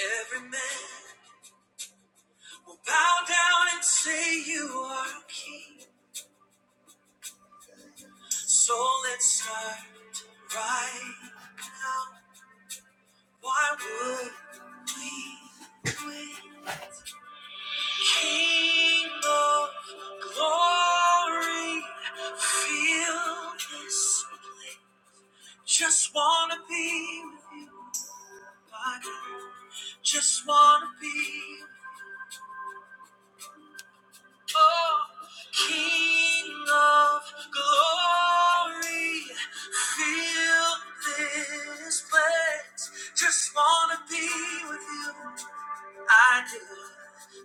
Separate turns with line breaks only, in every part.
Every man will bow down and say you are king. So let's start right. Why would we quit? King of glory, feel this. Just wanna be with you, God. Just wanna be. with you. Oh, King of glory, fill this place. Just wanna be with you. I do.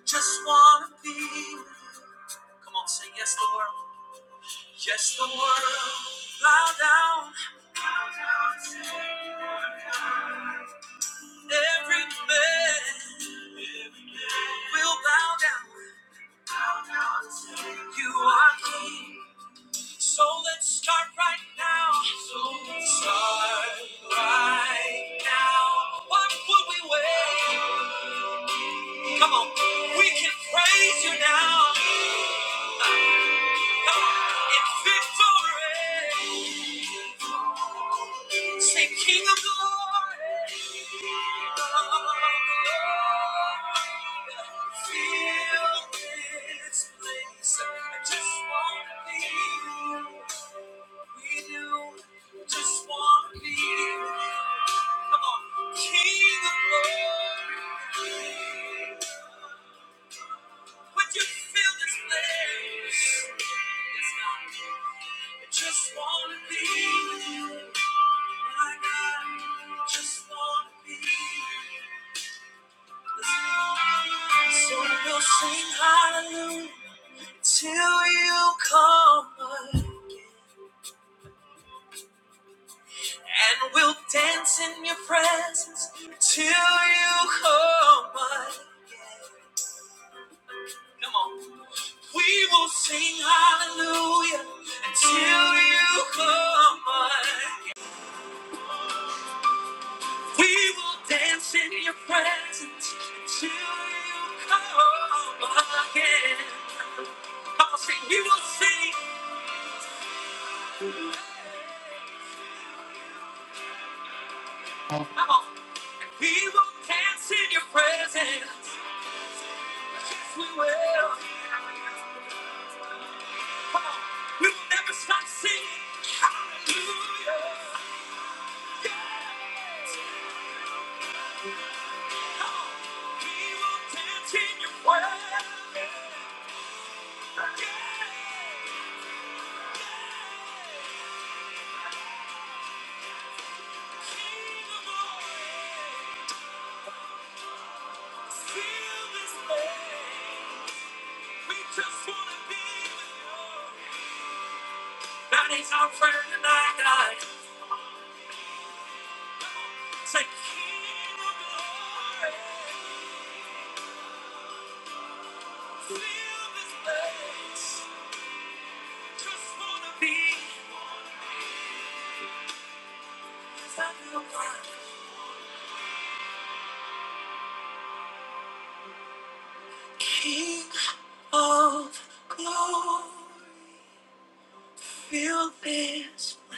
Just wanna be. with you. Come on, say yes, the world. Yes, the world. Bow down. Every man will bow down. You are King. So let's start right now. So let's start right now. What would we wait? Come on, we can praise you now. Come on, in victory. Say, King of glory. Feel this place. I just want to be. We do just want to be you. Come on. King of glory. Would you fill this place? Yes, God. I just want to be with you. My God, I just want to be with you. Listen. So we'll sing hallelujah till you come. And we'll dance in your presence till you come by. Come on. We will sing hallelujah until you come by. We will dance in your presence until you come again. Come on, sing. We will sing. Come on. We will dance in your presence. Yes, we will. We'll never stop singing. Hallelujah. Yes. Oh, we will dance in your way. Yes. King of glory, fill this place. We just wanna be with you. That is our prayer tonight, God. Come on, say, King of glory, fill this place. Just wanna be beside you, God. King of glory, feel this way.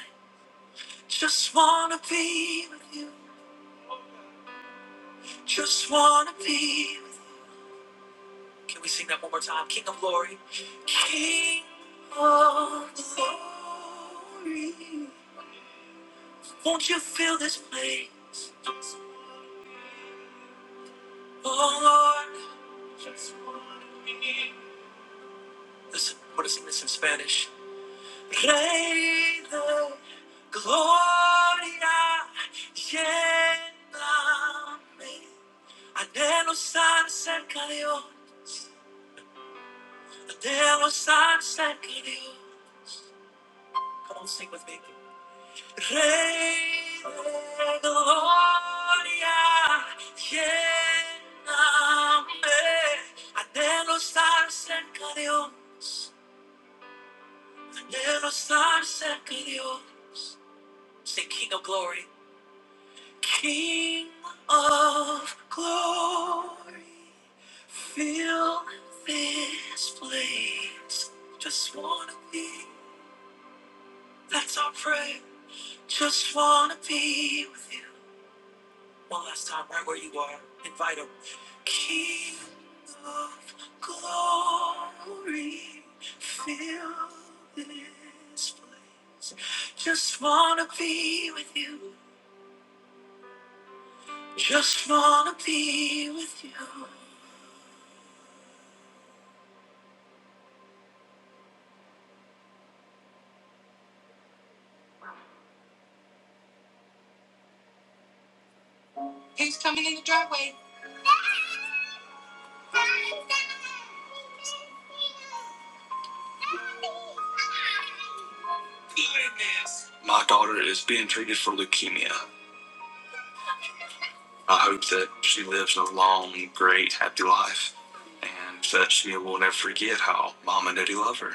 Just wanna be with you. Just wanna be. With you. Can we sing that one more time? King of glory, King of glory. Won't you feel this place? Oh Lord, just wanna be. Listen, we're gonna sing this in Spanish. Rey de gloria lléname. Anhelo estar cerca de Dios. Anhelo estar cerca de Dios. Come on, sing with me. Rey de gloria, lléname. Anhelo estar cerca de Dios. Anhelo estar cerca de Dios. Say, King of glory. King of glory, fill this place. Just wanna be, that's our prayer. Just wanna be with you. One last time, right where you are, invite him. King of glory, fill this place. Just wanna be with you. Just wanna be with you. Who's coming in the driveway? My daughter is being treated for leukemia. I hope that she lives a long, great, happy life and that she will never forget how mom and daddy love her.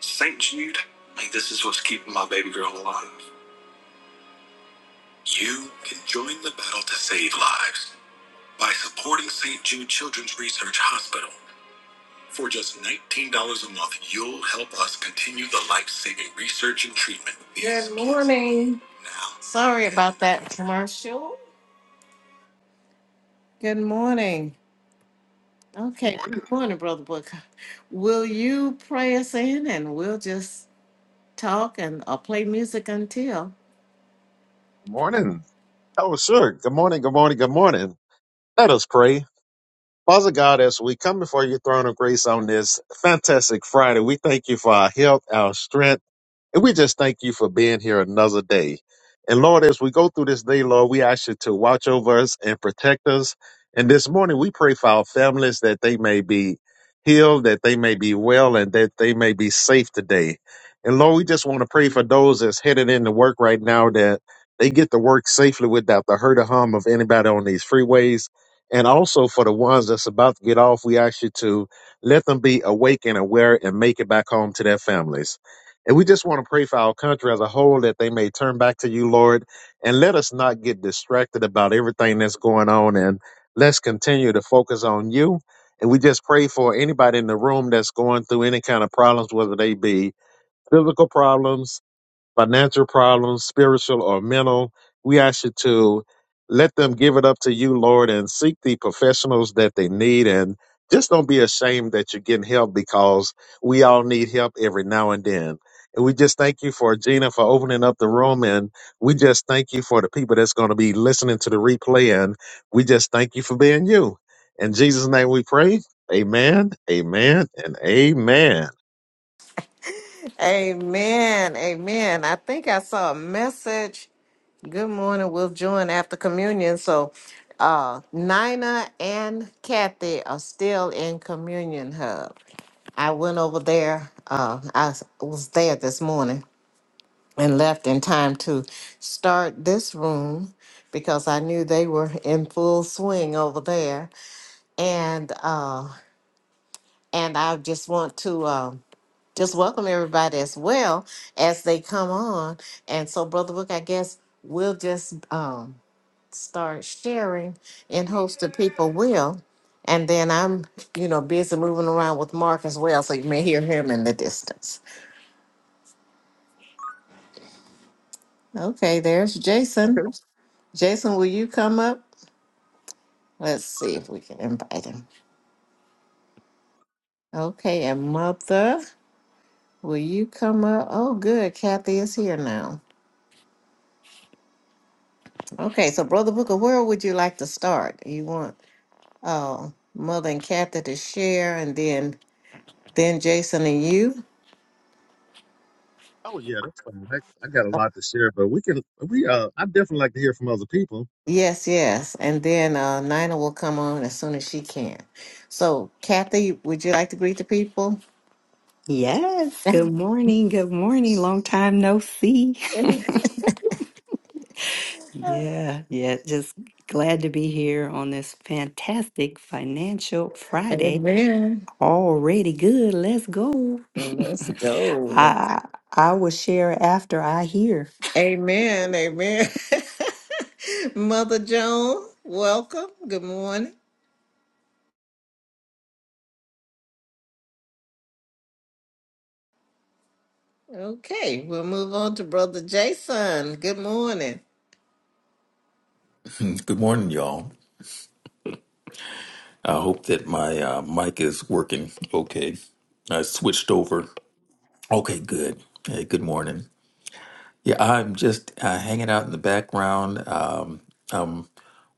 St. Jude, like this is what's keeping my baby girl alive. You in the battle to save lives. $19 a month. You'll help us continue the life saving research and treatment. Good morning. Now. Sorry about that commercial. Good morning. Okay, good morning, Brother Booker. Will you pray us in and we'll just talk and uh, play music until?
Good morning. Oh, sure. Good morning. Good morning. Good morning. Let us pray. Father God, as we come before your throne of grace on this fantastic Friday, we thank you for our health, our strength. And we just thank you for being here another day. And Lord, as we go through this day, Lord, we ask you to watch over us and protect us. And this morning, we pray for our families that they may be healed, that they may be well, and that they may be safe today. And Lord, we just want to pray for those that's headed into work right now that they get to work safely without the hurt or harm of anybody on these freeways. And also for the ones that's about to get off, we ask you to let them be awake and aware and make it back home to their families. And we just want to pray for our country as a whole that they may turn back to you, Lord, and let us not get distracted about everything that's going on. And let's continue to focus on you. And we just pray for anybody in the room that's going through any kind of problems, whether they be physical problems, financial problems, spiritual or mental, we ask you to let them give it up to you, Lord, and seek the professionals that they need. And just don't be ashamed that you're getting help because we all need help every now and then. And we just thank you for Gina for opening up the room. And we just thank you for the people that's going to be listening to the replay. And we just thank you for being you. In Jesus' name we pray. Amen, amen, and amen.
Amen. Amen. I think I saw a message. Good morning. We'll join after communion. So uh Nina and Kathy are still in communion hub. I went over there. Uh I was there this morning. and left in time to start this room because I knew they were in full swing over there. And uh, and I just want to um, just welcome everybody as well as they come on. And so, Brother Book, I guess we'll just um, start sharing in hopes that people will. And then I'm, you know, busy moving around with Mark as well, so you may hear him in the distance. Okay, there's Jason. Jason, will you come up? Let's see if we can invite him. Okay, and Mother, will you come up? Oh, good. Kathy is here now. Okay, so Brother Booker, where would you like to start? You want uh, Mother and Kathy to share, and then then Jason and you.
Oh yeah, that's fine. I, I got a lot to share, but we can we uh I definitely like to hear from other people.
Yes, yes, and then uh, Nina will come on as soon as she can. So, Kathy, would you like to greet the people?
Yes, good morning. Good morning. Long time no see. yeah, yeah, just glad to be here on this fantastic financial Friday.
Amen.
Already good. Let's go.
Well, Let's go.
I I will share after I hear.
Amen. Amen. Mother Joan, welcome. Good morning. Okay, we'll move on to Brother Jason. Good morning.
Good morning, y'all. I hope that my uh, mic is working okay. I switched over. Okay, good. Hey, good morning. Yeah, I'm just uh, hanging out in the background. Um, I'm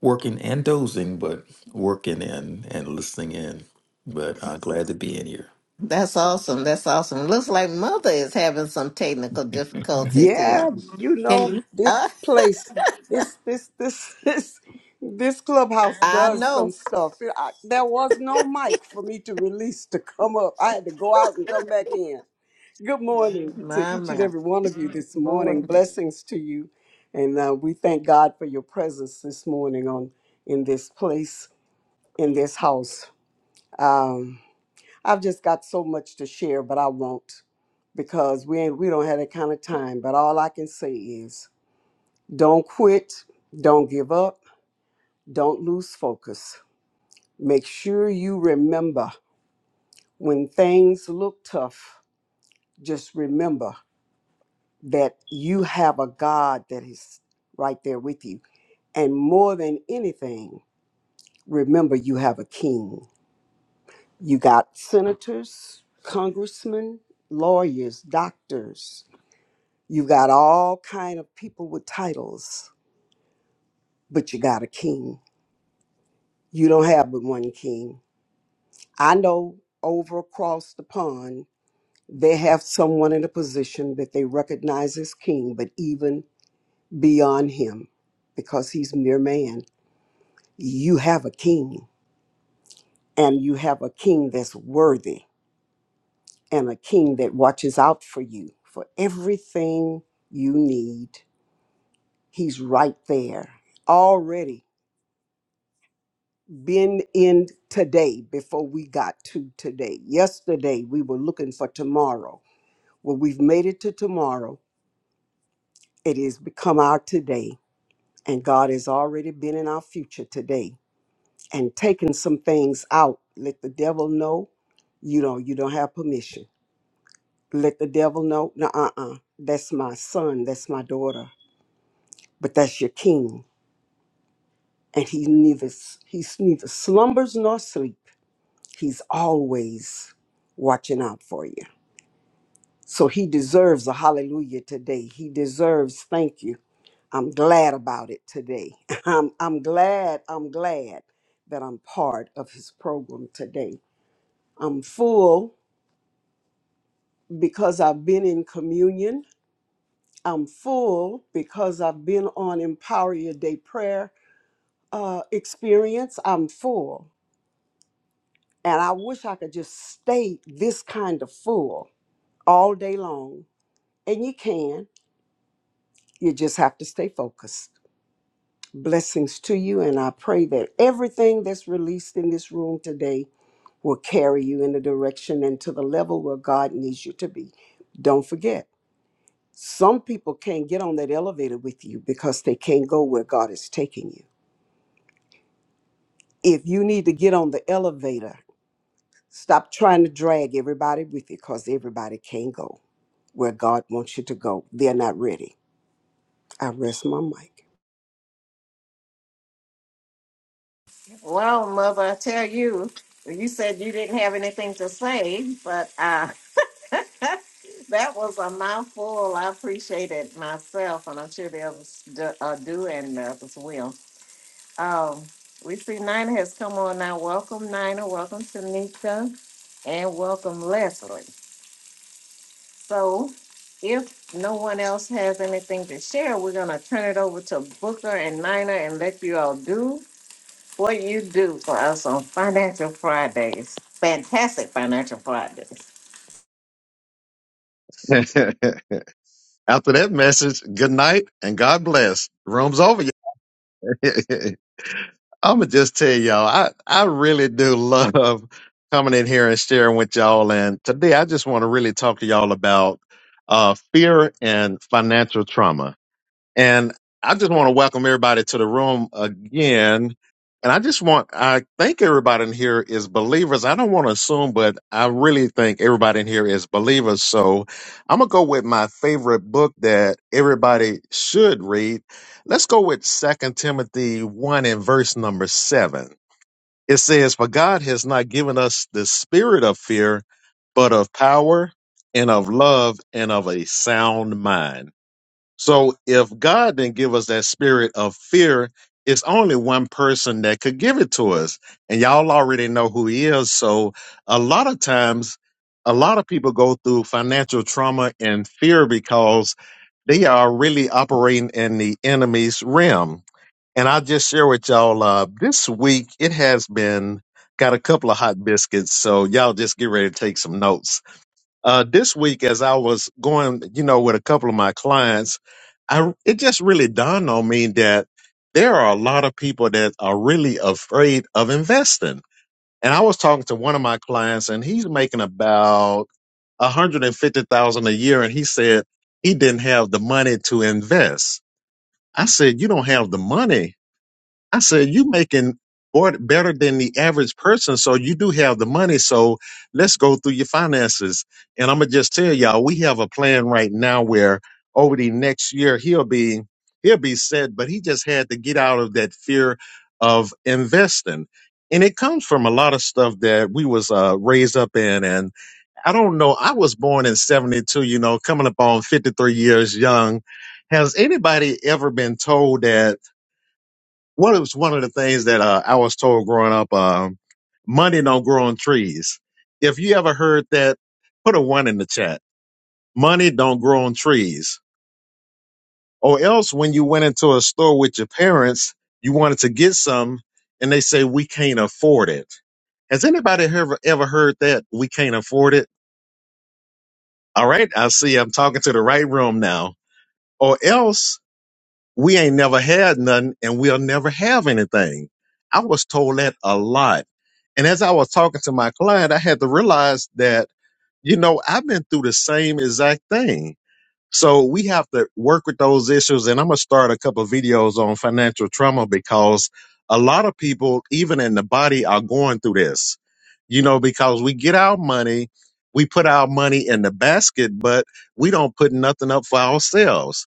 working and dozing, but working and, and listening in. But uh, glad to be in here.
That's awesome. That's awesome. Looks like Mother is having some technical difficulties here.
Yeah, you
Can
know
you?
this
Uh,
place, this this this this this clubhouse
I
does
know.
some stuff. I, there was no mic for me to release to come up. I had to go out and come back in. Good morning to
My,
each and
my.
every one of you this morning.
Morning.
Blessings to you, and uh, we thank God for your presence this morning on in this place in this house. Um, I've just got so much to share, but I won't because we ain't we don't have that kind of time. But all I can say is don't quit, don't give up, don't lose focus. Make sure you remember when things look tough, just remember that you have a God that is right there with you. And more than anything, remember you have a king. You got senators, congressmen, lawyers, doctors, You got all kind of people with titles, but you got a king. You don't have but one king. I know over across the pond, they have someone in a position that they recognize as king, but even beyond him, because he's mere man, you have a king, and you have a king that's worthy, and a king that watches out for you for everything you need. He's right there already been in today before we got to today. Yesterday, we were looking for tomorrow. Well, we've made it to tomorrow. It has become our today, and God has already been in our future today and taken some things out. Let the devil know, you know, you don't have permission. Let the devil know, no, uh, uh, that's my son, that's my daughter, but that's your king, and he neither he's neither slumbers nor sleep. He's always watching out for you. So he deserves a hallelujah today. He deserves thank you. I'm glad about it today. I'm, I'm glad, I'm glad that I'm part of his program today. I'm full because I've been in communion. I'm full because I've been on Empower Your Day prayer uh, experience. I'm full. And I wish I could just stay this kind of full all day long. And you can, you just have to stay focused. Blessings to you, and I pray that everything that's released in this room today will carry you in the direction and to the level where God needs you to be. Don't forget, some people can't get on that elevator with you because they can't go where God is taking you. If you need to get on the elevator, stop trying to drag everybody with you because everybody can't go where God wants you to go. They're not ready. I rest my mic.
Well, Mother, I tell you, you said you didn't have anything to say, but uh, That was a mouthful. I appreciate it myself, and I'm sure the others do, uh, do and the others will. Um, we see Nina has come on now. Welcome, Nina. Welcome, Tanika, and welcome, Leslie. So, if no one else has anything to share, we're going to turn it over to Booker and Nina and let you all do what you do for us on Financial Fridays. Fantastic Financial Fridays.
After that message, good night and God bless. Room's over. I'ma just tell y'all, I, I really do love coming in here and sharing with y'all. And today I just want to really talk to y'all about uh, fear and financial trauma. And I just want to welcome everybody to the room again. And I just want, I think everybody in here is believers. I don't want to assume, but I really think everybody in here is believers. So I'm going to go with my favorite book that everybody should read. Let's go with Second Timothy 1 and verse number 7. It says, For God has not given us the spirit of fear, but of power and of love and of a sound mind. So if God didn't give us that spirit of fear, it's only one person that could give it to us. And y'all already know who he is. So a lot of times, a lot of people go through financial trauma and fear because they are really operating in the enemy's realm. And I just share with y'all uh, this week, it has been got a couple of hot biscuits. So y'all just get ready to take some notes. Uh, this week, as I was going, you know, with a couple of my clients, I it just really dawned on me that there are a lot of people that are really afraid of investing. And I was talking to one of my clients, and he's making about a hundred and fifty thousand a year, and he said he didn't have the money to invest. I said, "You don't have the money." I said, you making more better than the average person. So you do have the money. So let's go through your finances. And I'm gonna just tell y'all, we have a plan right now where over the next year he'll be he'll be set, but he just had to get out of that fear of investing. And it comes from a lot of stuff that we was uh, raised up in. And I don't know, I was born in 72, you know, coming up on 53 years young. Has anybody ever been told that what was one of the things that uh, I was told growing up? Um, money don't grow on trees. If you ever heard that, put a one in the chat. Money don't grow on trees. Or else, when you went into a store with your parents, you wanted to get some, and they say we can't afford it. Has anybody ever ever heard that we can't afford it? All right, I see. I'm talking to the right room now. Or else. we ain't never had nothing and we'll never have anything. I was told that a lot. And as I was talking to my client, I had to realize that, you know, I've been through the same exact thing. So we have to work with those issues. And I'm going to start a couple of videos on financial trauma because a lot of people, even in the body, are going through this, you know, because we get our money, we put our money in the basket, but we don't put nothing up for ourselves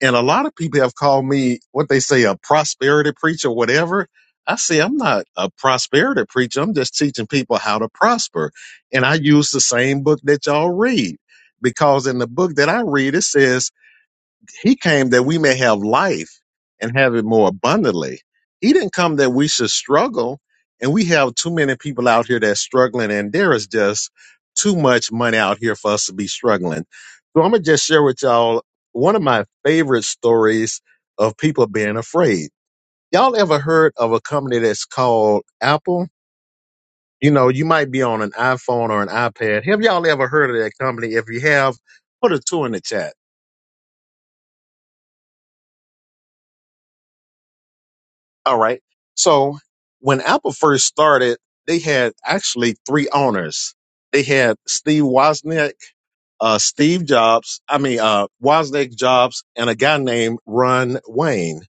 and a lot of people have called me what they say a prosperity preacher, whatever. I say I'm not a prosperity preacher. I'm just teaching people how to prosper. And I use the same book that y'all read because in the book that I read, it says he came that we may have life and have it more abundantly. He didn't come that we should struggle. And we have too many people out here that's struggling, and there is just too much money out here for us to be struggling. So I'm gonna just share with y'all one of my favorite stories of people being afraid. Y'all ever heard of a company that's called Apple? You know, you might be on an iPhone or an iPad. Have y'all ever heard of that company? If you have, put a two in the chat All right. So when Apple first started, they had actually three owners. They had Steve Wozniak, uh, Steve Jobs, I mean, uh, Wozniak Jobs, and a guy named Ron Wayne.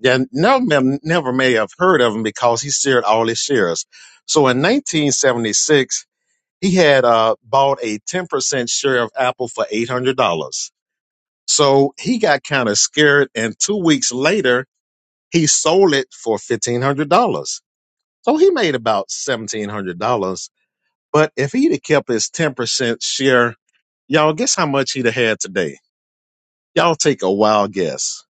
Yeah, none of them never may have heard of him because he shared all his shares. So in 1976, he had uh, bought a 10% share of Apple for $800. So he got kind of scared, and two weeks later, he sold it for fifteen hundred dollars, so he made about seventeen hundred dollars. But if he'd have kept his ten percent share, y'all guess how much he'd have had today? Y'all take a wild guess.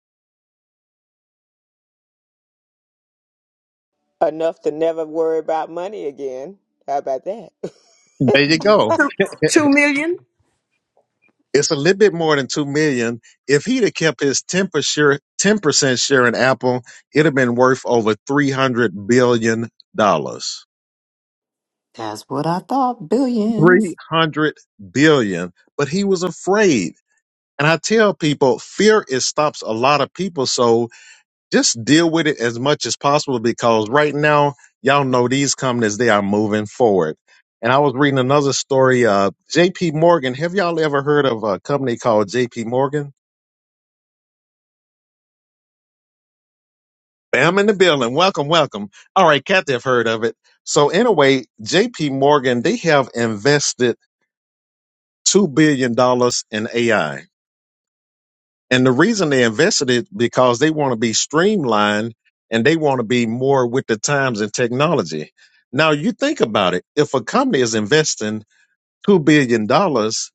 enough to never worry about money again. How about that?
There you go.
Two million.
It's a little bit more than two million. If he'd have kept his ten percent ten percent share in Apple, it'd have been worth over three hundred billion dollars.
That's what I thought.
Three
Billions.
hundred billion. But he was afraid. And I tell people, fear it stops a lot of people. So just deal with it as much as possible because right now, y'all know these companies, they are moving forward. And I was reading another story. Uh, JP Morgan. Have y'all ever heard of a company called JP Morgan? Bam in the building. Welcome, welcome. All right, Kathy, have heard of it. So anyway, JP Morgan, they have invested $2 billion dollars in AI And the reason they invested it because they want to be streamlined and they want to be more with the times and technology. Now you think about it. If a company is investing $2 billion dollars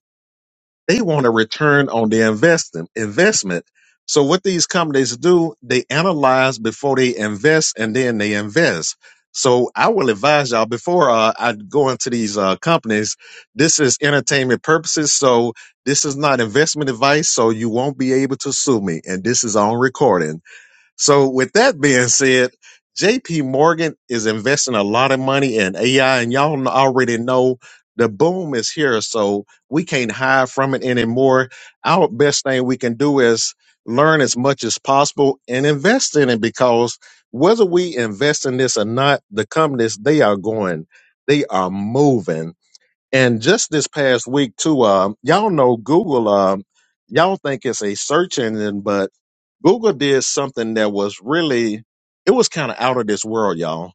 they want a return on their investment. Investment. So what these companies do, they analyze before they invest, and then they invest. So I will advise y'all before uh, I go into these uh, companies. This is entertainment purposes, so this is not investment advice. So you won't be able to sue me, and this is on recording. So with that being said, JP Morgan is investing a lot of money in AI and y'all kn- already know the boom is here. So we can't hide from it anymore. Our best thing we can do is learn as much as possible and invest in it because whether we invest in this or not, the companies, they are going, they are moving. And just this past week too, um, y'all know Google, um, y'all think it's a search engine, but Google did something that was really it was kind of out of this world, y'all.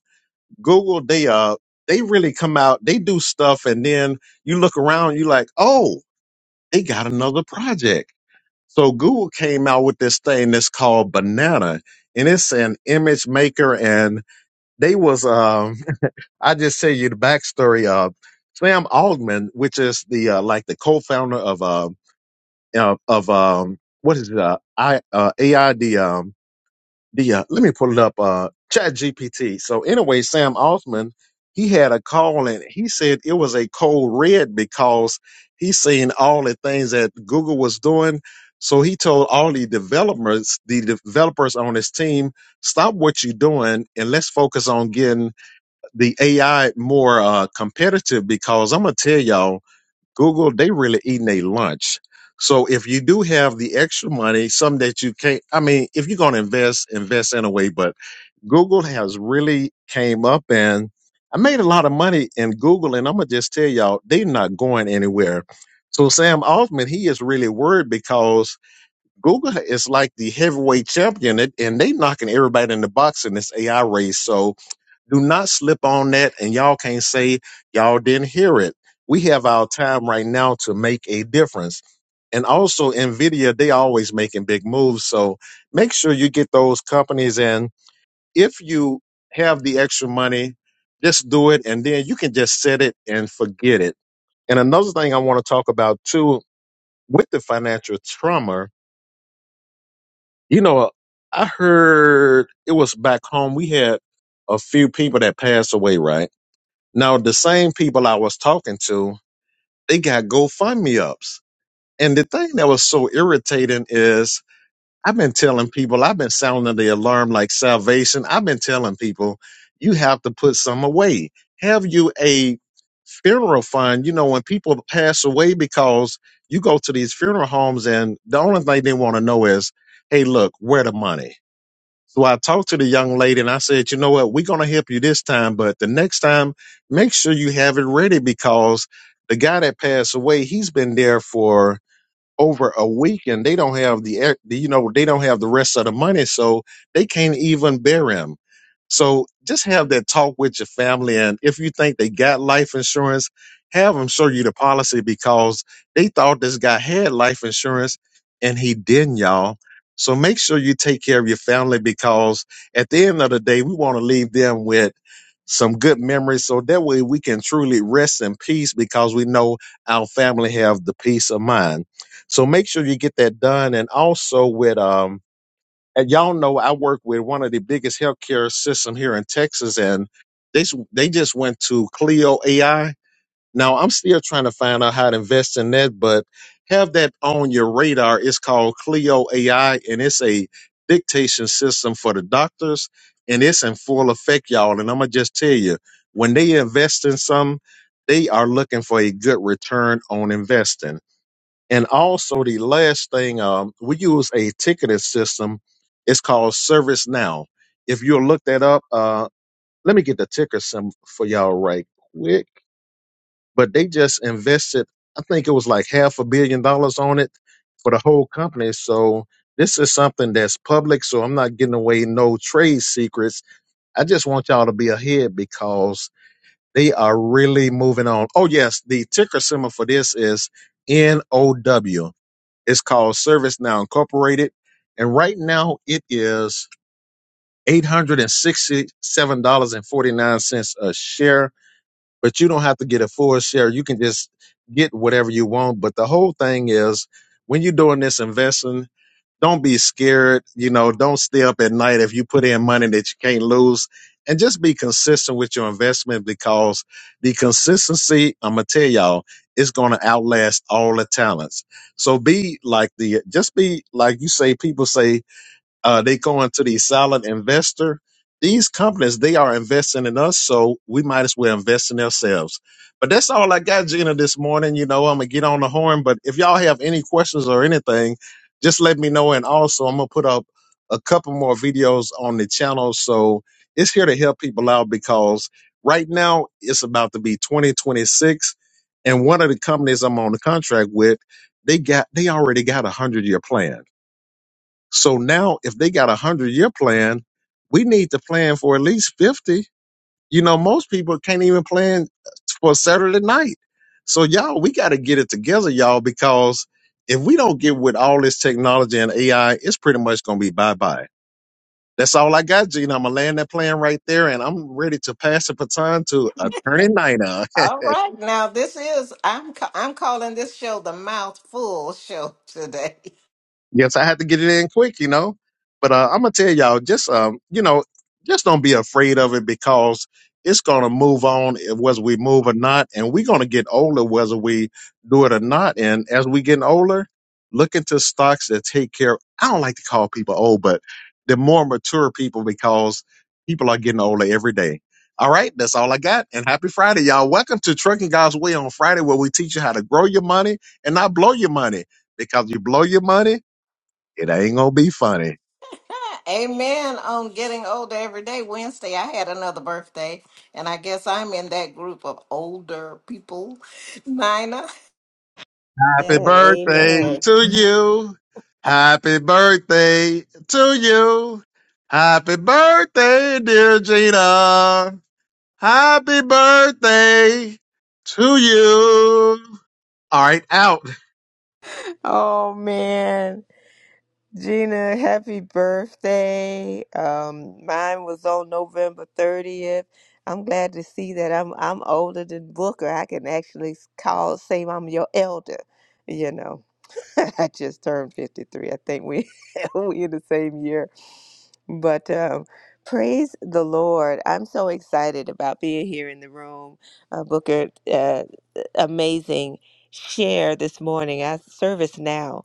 Google they uh they really come out, they do stuff and then you look around, you like, "Oh, they got another project." So Google came out with this thing that's called Banana and it's an image maker and they was um I just tell you the backstory of Sam Altman, which is the uh, like the co-founder of uh, uh of um what is it uh, I uh, AID the uh, let me pull it up uh chat gpt so anyway sam altman he had a call and he said it was a cold red because he seen all the things that google was doing so he told all the developers the developers on his team stop what you're doing and let's focus on getting the ai more uh, competitive because i'm gonna tell y'all Google, they really eating a lunch. So if you do have the extra money, some that you can't, I mean, if you're going to invest, invest in a way, but Google has really came up and I made a lot of money in Google and I'm going to just tell y'all, they're not going anywhere. So Sam Altman, he is really worried because Google is like the heavyweight champion and and they knocking everybody in the box in this AI race. So do not slip on that, and y'all can't say y'all didn't hear it. We have our time right now to make a difference. And also, NVIDIA, they always making big moves. So make sure you get those companies in. If you have the extra money, just do it, and then you can just set it and forget it. And another thing I want to talk about too with the financial trauma, you know, I heard it was back home. We had a few people that passed away, right? Now, the same people I was talking to, they got GoFundMe ups. And the thing that was so irritating is I've been telling people, I've been sounding the alarm like salvation. I've been telling people, you have to put some away. Have you a funeral fund? You know, when people pass away, because you go to these funeral homes and the only thing they want to know is, hey, look, where the money? So I talked to the young lady and I said, you know what, we're going to help you this time, but the next time, make sure you have it ready because the guy that passed away, he's been there for over a week and they don't have the, air- the- you know, they don't have the rest of the money. So they can't even bury him. So just have that talk with your family. And if you think they got life insurance, have them show you the policy because they thought this guy had life insurance and he didn't, y'all. So make sure you take care of your family because at the end of the day, we want to leave them with some good memories. So that way we can truly rest in peace because we know our family have the peace of mind. So make sure you get that done. And also with, um, and y'all know I work with one of the biggest healthcare system here in Texas, and they s- they just went to Clio AI. Now I'm still trying to find out how to invest in that, but have that on your radar. It's called Clio AI, and it's a dictation system for the doctors, and it's in full effect, y'all. And I'm gonna just tell you, when they invest in some, they are looking for a good return on investing and also the last thing, um, we use a ticketing system. It's called ServiceNow. If you'll look that up, uh, let me get the ticker some for y'all right quick. But they just invested, I think it was like half a billion dollars on it for the whole company. So this is something that's public. So I'm not getting away no trade secrets. I just want y'all to be ahead because they are really moving on. Oh yes, the ticker symbol for this is NOW. It's called ServiceNow Incorporated. And right now it is $867.49 a share, but you don't have to get a full share. You can just get whatever you want. But the whole thing is when you're doing this investing, don't be scared. You know, don't stay up at night if you put in money that you can't lose. And just be consistent with your investment because the consistency, I'm gonna tell y'all, is gonna outlast all the talents. So be like the just be like you say, people say uh, they go into the solid investor. These companies, they are investing in us, so we might as well invest in ourselves. But that's all I got, Gina, this morning. You know, I'm gonna get on the horn. But if y'all have any questions or anything, just let me know. And also, I'm gonna put up a couple more videos on the channel, so it's here to help people out because right now it's about to be 2026, and one of the companies I'm on the contract with, they got they already got a hundred year plan so now, if they got a hundred year plan, we need to plan for at least fifty. You know, most people can't even plan for Saturday night. So y'all, we got to get it together, y'all, because if we don't get with all this technology and AI, it's pretty much gonna be bye bye. That's all I got, Gina. I'm gonna land that plan right there, and I'm ready to pass the baton to Attorney Nina.
All right, now this is I'm ca- I'm calling this show the mouthful show today.
yes, I had to get it in quick, you know. But uh, I'm gonna tell y'all, just um, you know, just don't be afraid of it because it's gonna move on, eh, whether we move or not, and we're gonna get older, whether we do it or not. And as we getting older, look into stocks that take care. I don't like to call people old, but they're more mature people because people are getting older every day. All right, that's all I got. And happy Friday, y'all. Welcome to Trucking God's Way on Friday, where we teach you how to grow your money and not blow your money. Because you blow your money it ain't gonna be funny.
Amen. On getting older every day. Wednesday, I had another birthday, and I guess I'm in that group of older people. Nina,
Happy
and
birthday
amen.
to you. Happy birthday to you. Happy birthday, dear Gina. Happy birthday to you. All right, out.
Oh man, Gina, happy birthday! Um, mine was on November thirtieth. I'm glad to see that I'm I'm older than Booker. I can actually s- call say I'm your elder, you know. I just turned 53. I think we we in the same year. But um, praise the Lord. I'm so excited about being here in the room. Uh, Booker, uh, amazing share this morning. I service now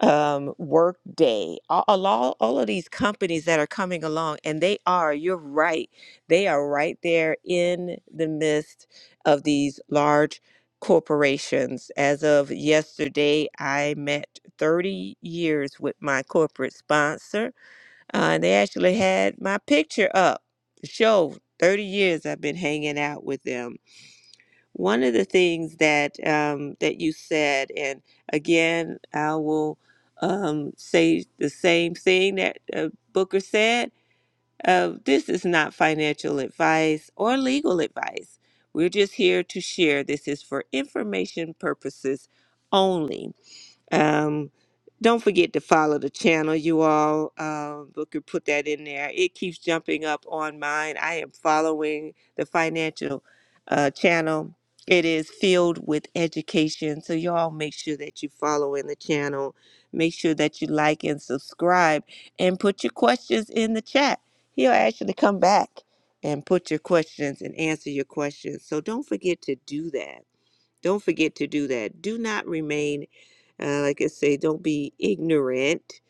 um, Workday, all, all, all of these companies that are coming along, and they are, you're right, they are right there in the midst of these large corporations. As of yesterday, I met 30 years with my corporate sponsor, uh, and they actually had my picture up to show 30 years I've been hanging out with them one of the things that um, that you said, and again, I will um, say the same thing that uh, Booker said. Uh, this is not financial advice or legal advice. We're just here to share. This is for information purposes only. Um, don't forget to follow the channel, you all. Um, we put that in there. It keeps jumping up on mine. I am following the financial uh, channel. It is filled with education, so y'all make sure that you follow in the channel. Make sure that you like and subscribe, and put your questions in the chat. He'll actually come back and put your questions and answer your questions. So don't forget to do that. Don't forget to do that. Do not remain uh, like I say, don't be ignorant.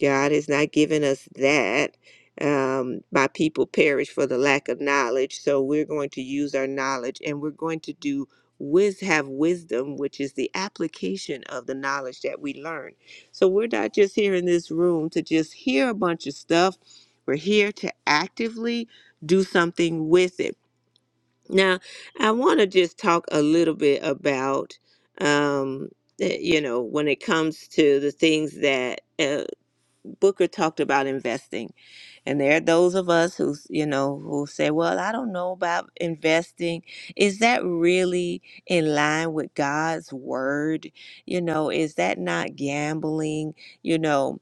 God has not given us that. Um, my people perish for the lack of knowledge. So we're going to use our knowledge and we're going to do wiz have wisdom, which is the application of the knowledge that we learn. So we're not just here in this room to just hear a bunch of stuff. We're here to actively do something with it. Now, I want to just talk a little bit about, um, eh, you know, when it comes to the things that uh, Booker talked about investing. And there are those of us who, you know, who say, well, I don't know about investing. Is that really in line with God's word? You know, is that not gambling? You know,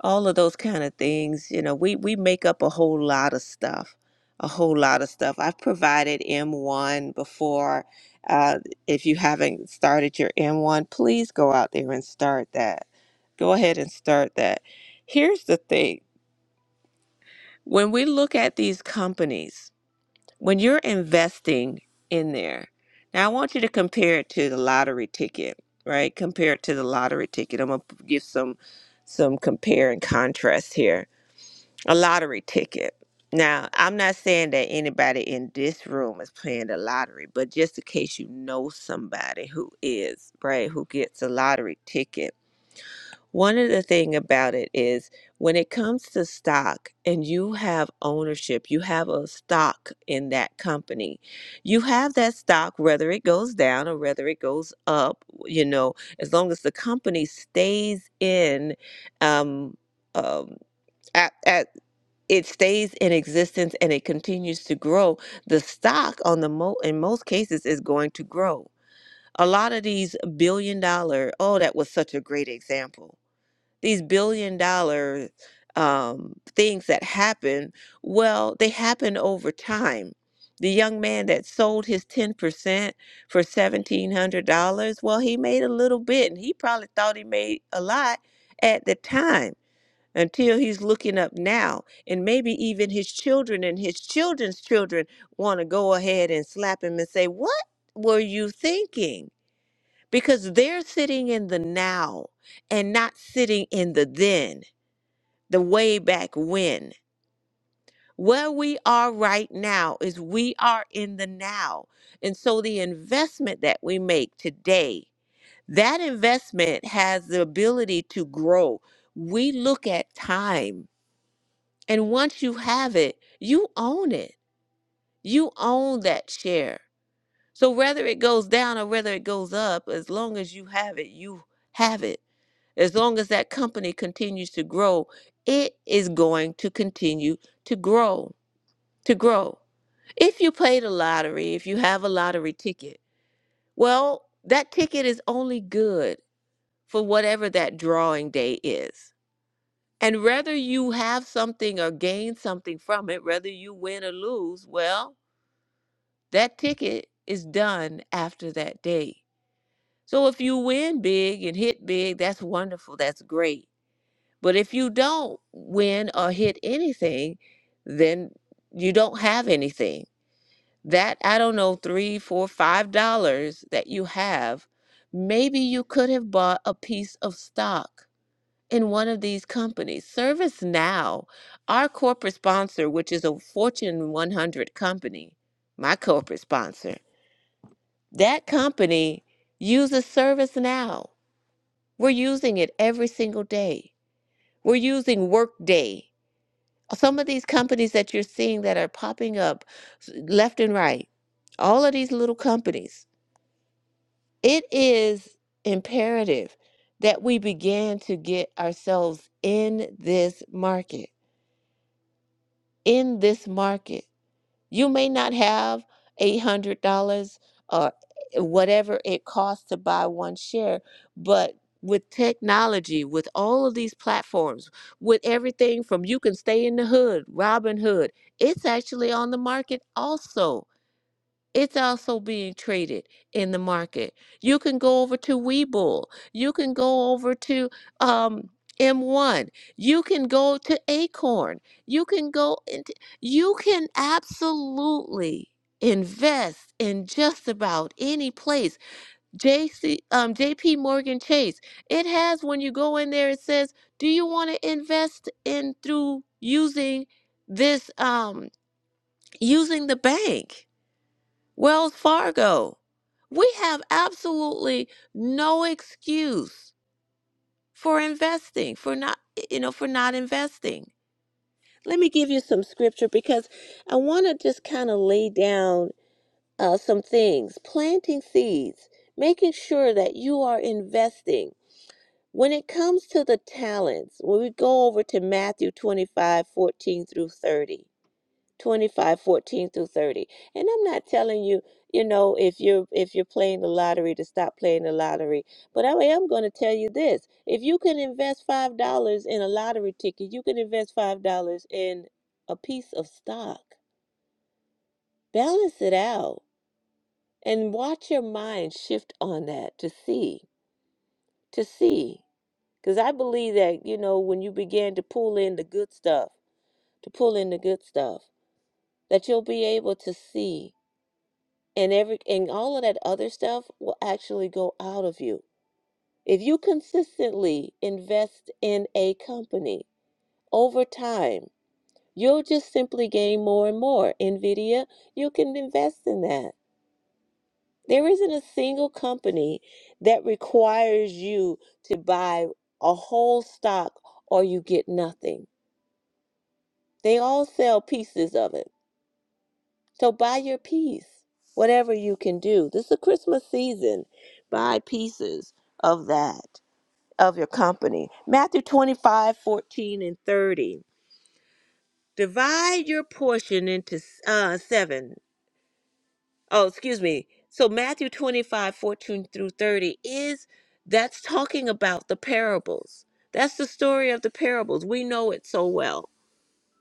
all of those kind of things you know we we make up a whole lot of stuff a whole lot of stuff i've provided m1 before uh, if you haven't started your m1 please go out there and start that go ahead and start that here's the thing when we look at these companies when you're investing in there now i want you to compare it to the lottery ticket right compare it to the lottery ticket i'm gonna give some some compare and contrast here a lottery ticket. Now, I'm not saying that anybody in this room is playing the lottery, but just in case you know somebody who is, right, who gets a lottery ticket. One of the thing about it is when it comes to stock and you have ownership, you have a stock in that company. You have that stock whether it goes down or whether it goes up, you know, as long as the company stays in um, um, a- at, it stays in existence and it continues to grow the stock on the mo in most cases is going to grow a lot of these billion dollar oh that was such a great example these billion dollar um, things that happen well they happen over time the young man that sold his 10% for $1700 well he made a little bit and he probably thought he made a lot at the time until he's looking up now and maybe even his children and his children's children want to go ahead and slap him and say what were you thinking because they're sitting in the now and not sitting in the then the way back when where we are right now is we are in the now and so the investment that we make today that investment has the ability to grow we look at time And once you have it, you own it. You own that share. So whether it goes down or whether it goes up, as long as you have it, you have it. As long as that company continues to grow, it is going to continue to grow, to grow. If you play the lottery, if you have a lottery ticket, well, that ticket is only good for whatever that drawing day is. And whether you have something or gain something from it, whether you win or lose, well, That ticket is done after that day. So if you win big and hit big, that's wonderful. That's great. But if you don't win or hit anything, then you don't have anything. That, I don't know, three, four, five dollars that you have, maybe you could have bought a piece of stock in one of these companies. ServiceNow, our corporate sponsor, which is a Fortune 100 company, my corporate sponsor. That company uses ServiceNow. We're using it every single day. We're using Workday. Some of these companies that you're seeing that are popping up left and right, all of these little companies, it is imperative that we begin to get ourselves in this market. In this market. You may not have $800 or whatever it costs to buy one share, but with technology, with all of these platforms, with everything from you can stay in the hood, Robin Hood, it's actually on the market also it's also being traded in the market. You can go over to Webull. You can go over to um, M1. You can go to Acorn. You can go into, you can absolutely invest in just about any place. JC, um, JP Morgan Chase, it has when you go in there, it says, do you want to invest in through using this, um, using the bank? Wells Fargo. We have absolutely no excuse for investing, for not, you know, for not investing. Let me give you some scripture because I want to just kind of lay down uh, some things. Planting seeds, making sure that you are investing. When it comes to the talents, when we go over to Matthew 25, 14 through 30, 25, 14 through 30 and i'm not telling you you know if you're if you're playing the lottery to stop playing the lottery but i am going to tell you this if you can invest five dollars in a lottery ticket you can invest five dollars in a piece of stock balance it out and watch your mind shift on that to see to see because i believe that you know when you begin to pull in the good stuff to pull in the good stuff that you'll be able to see and every and all of that other stuff will actually go out of you if you consistently invest in a company over time you'll just simply gain more and more nvidia you can invest in that there isn't a single company that requires you to buy a whole stock or you get nothing they all sell pieces of it So buy your piece, whatever you can do. This is a Christmas season. Buy pieces of that, of your company. Matthew 25, 14, and 30. Divide your portion into uh, seven. Oh, excuse me. So Matthew 25, 14 through 30 is that's talking about the parables. That's the story of the parables. We know it so well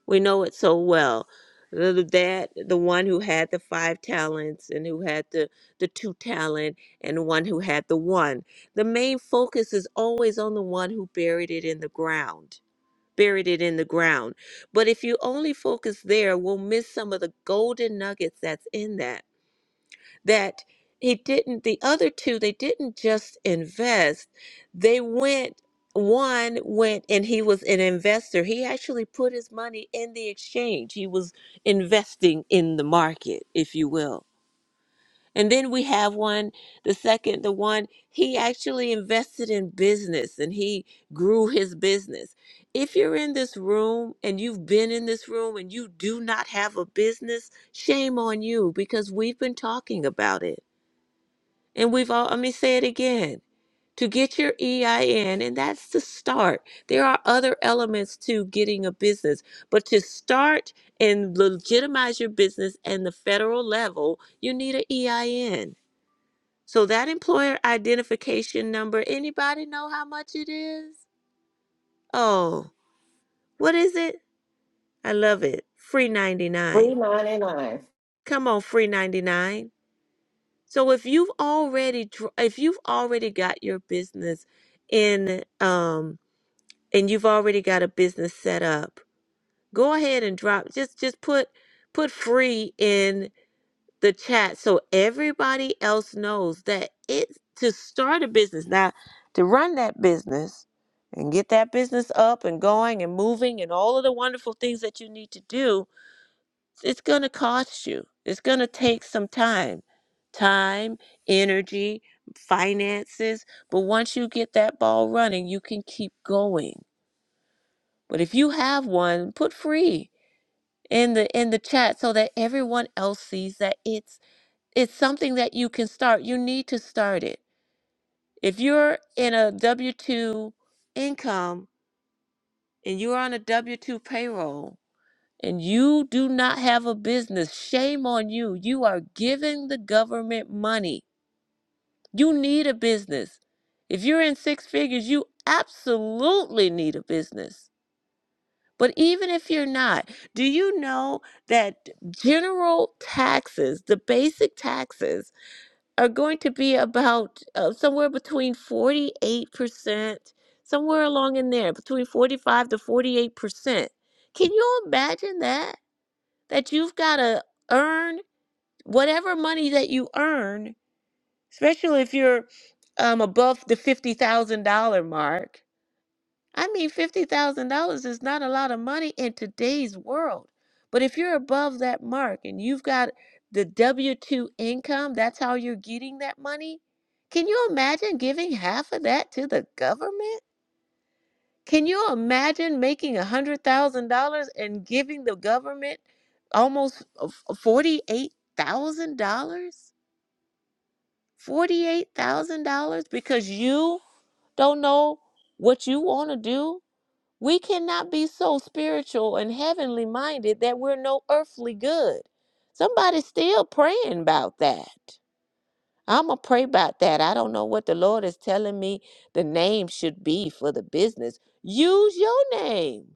We know it so well. Little That the one who had the five talents and who had the, the two talent and the one who had the one. The main focus is always on the one who buried it in the ground, buried it in the ground. But if you only focus there, we'll miss some of the golden nuggets that's in that that he didn't the other two they didn't just invest they went one went and he was an investor he actually put his money in the exchange he was investing in the market if you will and then we have one the second the one he actually invested in business and he grew his business if you're in this room and you've been in this room and you do not have a business shame on you because we've been talking about it and we've all, let me say it again to get your EIN, and that's the start. There are other elements to getting a business, but to start and legitimize your business and the federal level, you need an EIN. So that employer identification number, anybody know how much it is? Oh, what is it? I love it. Free 99.
three ninety nine.
Come on, free 99. So if you've already dr- if you've already got your business in um and you've already got a business set up, go ahead and drop just just put put free in the chat so everybody else knows that it's to start a business. Now, to run that business and get that business up and going and moving and all of the wonderful things that you need to do, it's going to cost you. It's going to take some time, time, energy, finances. But once you get that ball running, you can keep going. But if you have one, put free in the in the chat so that everyone else sees that it's it's something that you can start. You need to start it. If you're in a W two income and you're on a W two payroll, and you do not have a business, shame on you. You are giving the government money. You need a business. If you're in six figures, you absolutely need a business. But even if you're not, do you know that general taxes, the basic taxes, are going to be about uh, somewhere between 48%, somewhere along in there, between 45 to 48%. Can you imagine that? that you've got to earn whatever money that you earn, especially if you're um, above the $50,000 mark. I mean, $50,000 is not a lot of money in today's world. But if you're above that mark and you've got the W 2 income, that's how you're getting that money. Can you imagine giving half of that to the government? Can you imagine making a hundred thousand dollars and giving the government almost forty-eight thousand dollars? Forty-eight thousand dollars because you don't know what you want to do? We cannot be so spiritual and heavenly minded that we're no earthly good. Somebody's still praying about that. I'ma pray about that. I don't know what the Lord is telling me the name should be for the business. Use your name.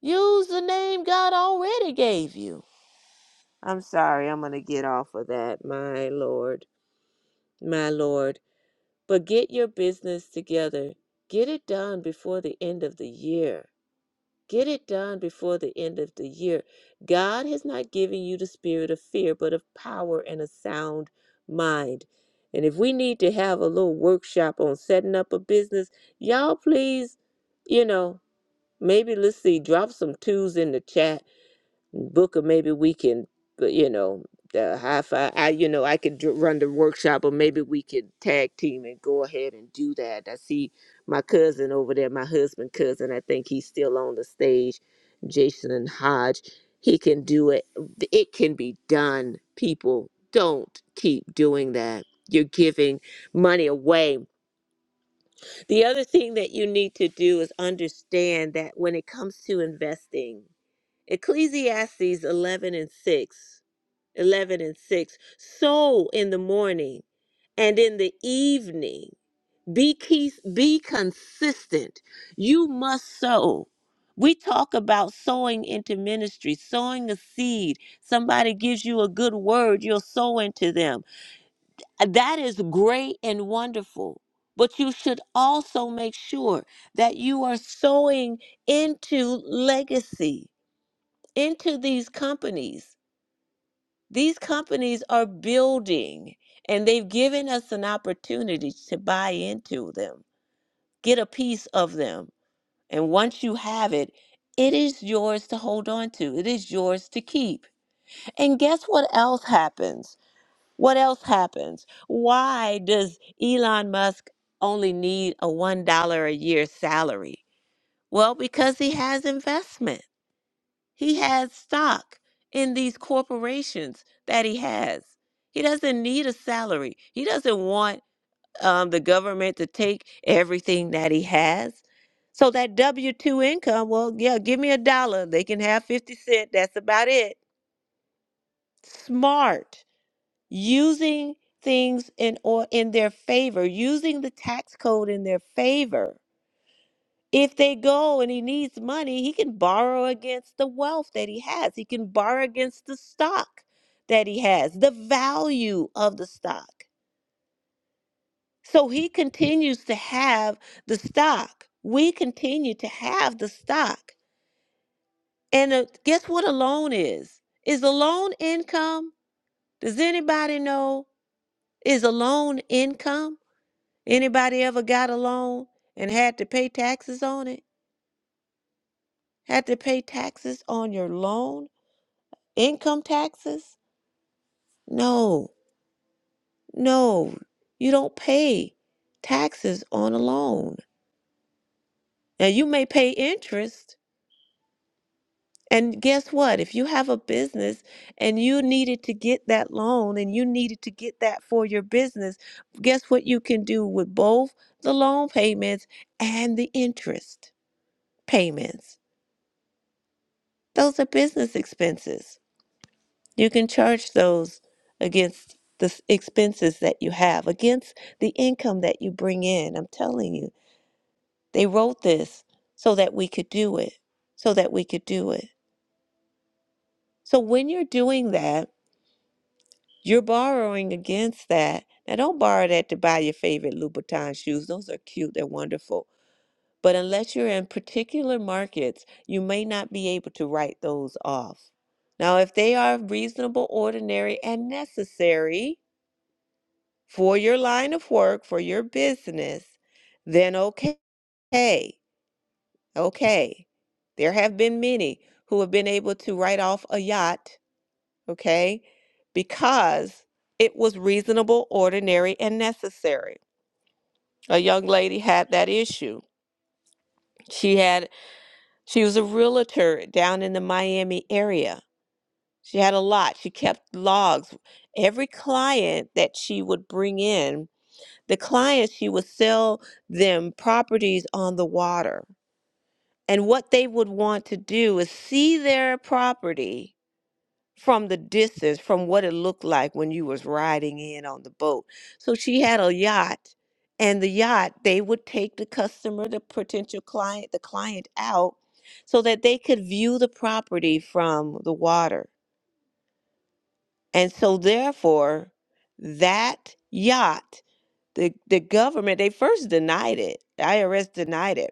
Use the name God already gave you. I'm sorry, I'm going to get off of that, my Lord, my Lord. But get your business together. Get it done before the end of the year. Get it done before the end of the year. God has not given you the spirit of fear, but of power and a sound mind. And if we need to have a little workshop on setting up a business, y'all please, you know, maybe let's see, drop some twos in the chat book or maybe we can but you know the high five i you know i could dr- run the workshop or maybe we could tag team and go ahead and do that i see my cousin over there my husband cousin i think he's still on the stage jason hodge he can do it it can be done people don't keep doing that you're giving money away the other thing that you need to do is understand that when it comes to investing Ecclesiastes 11 and 6. 11 and 6. So in the morning and in the evening, be, key, be consistent. You must sow. We talk about sowing into ministry, sowing a seed. Somebody gives you a good word, you'll sow into them. That is great and wonderful. But you should also make sure that you are sowing into legacy into these companies. These companies are building and they've given us an opportunity to buy into them, get a piece of them. And once you have it, it is yours to hold on to, it is yours to keep. And guess what else happens? What else happens? Why does Elon Musk only need a $1 a year salary? Well, because he has investment. He has stock in these corporations that he has. He doesn't need a salary. He doesn't want um, the government to take everything that he has. So that W 2 income, well, yeah, give me a dollar. They can have 50 cents. That's about it. Smart. Using things in or in their favor, using the tax code in their favor if they go and he needs money, he can borrow against the wealth that he has. He can borrow against the stock that he has, the value of the stock. So he continues to have the stock. We continue to have the stock. And uh, guess what a loan is? Is a loan income? Does anybody know? Is a loan income? Anybody ever got a loan and had to pay taxes on it? Had to pay taxes on your loan? Income taxes? No, no, you don't pay taxes on a loan. Now, you may pay interest. And guess what? If you have a business and you needed to get that loan and you needed to get that for your business, guess what you can do with both the loan payments and the interest payments? Those are business expenses. You can charge those against the s- expenses that you have, against the income that you bring in. I'm telling you, they wrote this so that we could do it, so that we could do it. So when you're doing that, you're borrowing against that. Now, don't borrow that to buy your favorite Louboutin shoes. Those are cute, they're wonderful. But unless you're in particular markets, you may not be able to write those off. Now, if they are reasonable, ordinary, and necessary, for your line of work, for your business, then okay, okay. There have been many who have been able to write off a yacht, okay, because it was reasonable, ordinary, and necessary. A young lady had that issue. She had she was a realtor down in the Miami area. She had a lot. She kept logs. Every client that she would bring in the clients, she would sell them properties on the water. And what they would want to do is see their property from the distance, from what it looked like when you was riding in on the boat. So she had a yacht, and the yacht, they would take the customer, the potential client, the client out so that they could view the property from the water. And so therefore, that yacht the the government they first denied it the irs denied it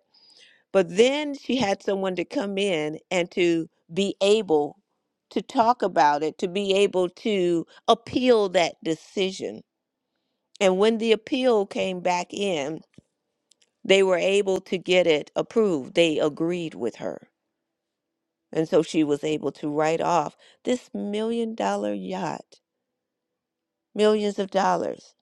but then she had someone to come in and to be able to talk about it to be able to appeal that decision and when the appeal came back in they were able to get it approved they agreed with her and so she was able to write off this million dollar yacht millions of dollars.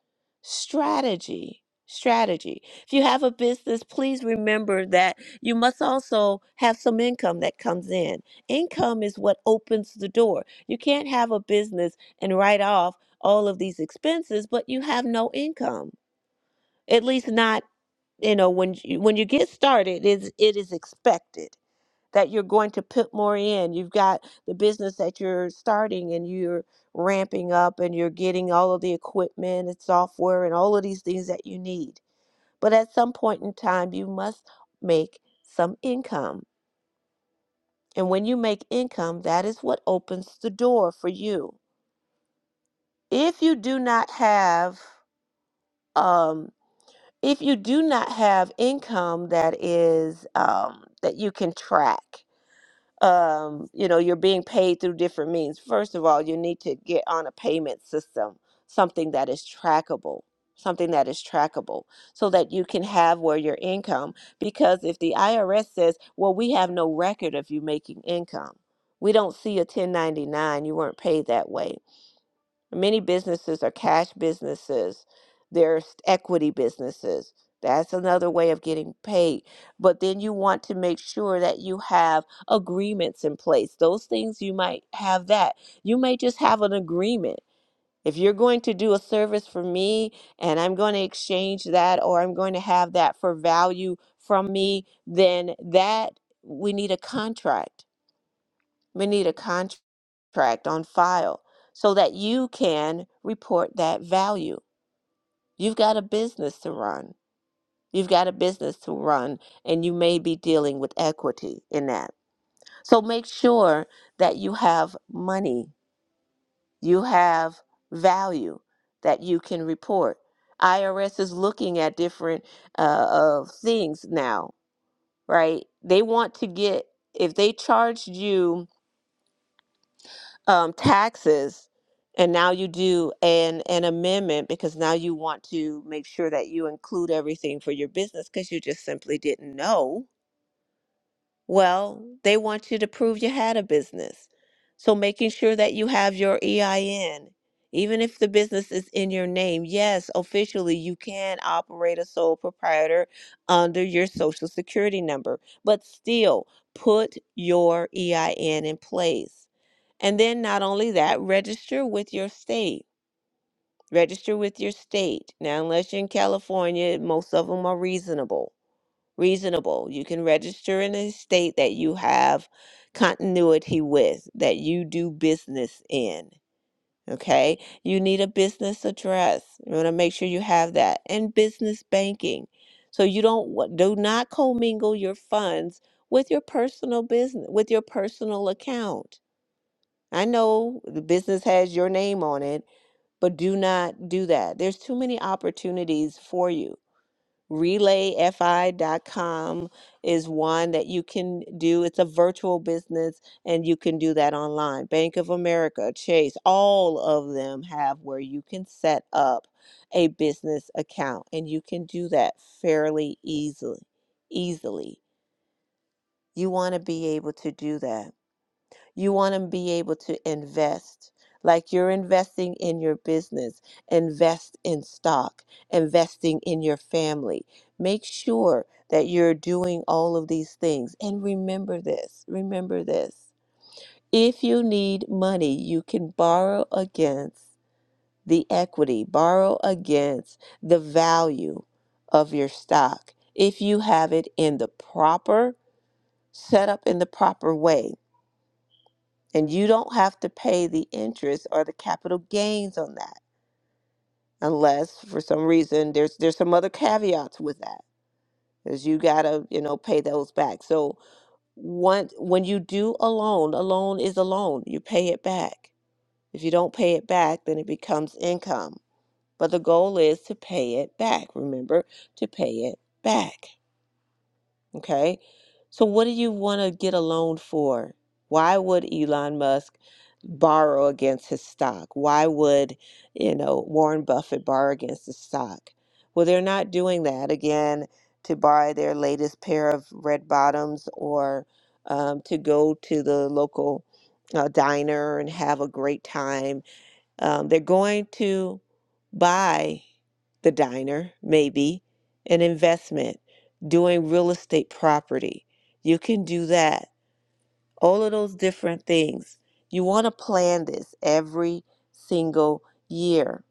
Strategy, strategy. If you have a business, please remember that you must also have some income that comes in. Income is what opens the door. You can't have a business and write off all of these expenses, but you have no income. At least not, you know, when you, when you get started, it is, it is expected that you're going to put more in. You've got the business that you're starting and you're ramping up and you're getting all of the equipment and software and all of these things that you need. But at some point in time, you must make some income. And when you make income, that is what opens the door for you. If you do not have, um, if you do not have income that is um, that you can track, um, you know, you're being paid through different means. First of all, you need to get on a payment system, something that is trackable, something that is trackable, so that you can have where your income. Because if the IRS says, well, we have no record of you making income, we don't see a 1099, you weren't paid that way Many businesses are cash businesses. There's equity businesses. That's another way of getting paid. But then you want to make sure that you have agreements in place. Those things you might have that. You may just have an agreement. If you're going to do a service for me and I'm going to exchange that or I'm going to have that for value from me, then that we need a contract we need a contract on file so that you can report that value. You've got a business to run. You've got a business to run, and you may be dealing with equity in that. So make sure that you have money, you have value that you can report. IRS is looking at different uh, of things now, right? They want to get if they charged you um, taxes, and now you do an an amendment because now you want to make sure that you include everything for your business because you just simply didn't know. Well, they want you to prove you had a business. So making sure that you have your EIN, even if the business is in your name, yes, officially you can operate a sole proprietor under your social security number, but still put your EIN in place and then not only that, register with your state. Register with your state. Now, unless you're in California, most of them are reasonable. Reasonable. You can register in a state that you have continuity with, that you do business in. Okay. You need a business address. You want to make sure you have that and business banking. So you don't wa- do not commingle your funds with your personal business, with your personal account I know the business has your name on it, but do not do that. There's too many opportunities for you. RelayFI.com is one that you can do. It's a virtual business and you can do that online. Bank of America, Chase, all of them have where you can set up a business account and you can do that fairly easily. Easily. You want to be able to do that you want to be able to invest. Like you're investing in your business, invest in stock, investing in your family. Make sure that you're doing all of these things. And remember this remember this. If you need money, you can borrow against the equity, borrow against the value of your stock if you have it in the proper setup in the proper way and you don't have to pay the interest or the capital gains on that unless for some reason there's there's some other caveats with that because you gotta you know pay those back so once when you do a loan a loan is a loan you pay it back if you don't pay it back then it becomes income but the goal is to pay it back remember to pay it back Okay. So what do you want to get a loan for? Why would Elon Musk borrow against his stock? Why would, you know, Warren Buffett borrow against his stock? Well, they're not doing that again to buy their latest pair of red bottoms or um, to go to the local uh, diner and have a great time um, they're going to buy the diner, maybe an investment, doing real estate property. You can do that. All of those different things. You want to plan this every single year.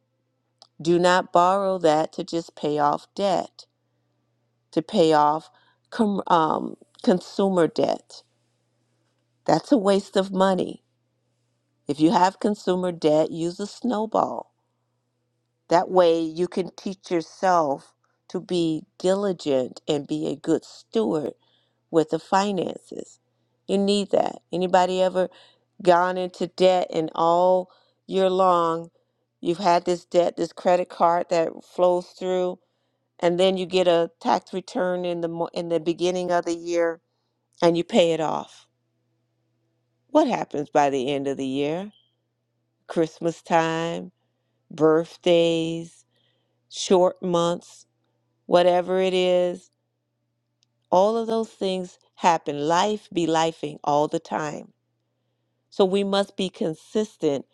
Do not borrow that to just pay off debt, to pay off com- um, consumer debt. That's a waste of money. If you have consumer debt, use a snowball That way you can teach yourself to be diligent and be a good steward with the finances. You need that. Anybody ever gone into debt and all year long you've had this debt, this credit card that flows through and then you get a tax return in the mo- in the beginning of the year and you pay it off. What happens by the end of the year? Christmas time, birthdays, short months, whatever it is, all of those things happen. Life be lifing all the time. So we must be consistent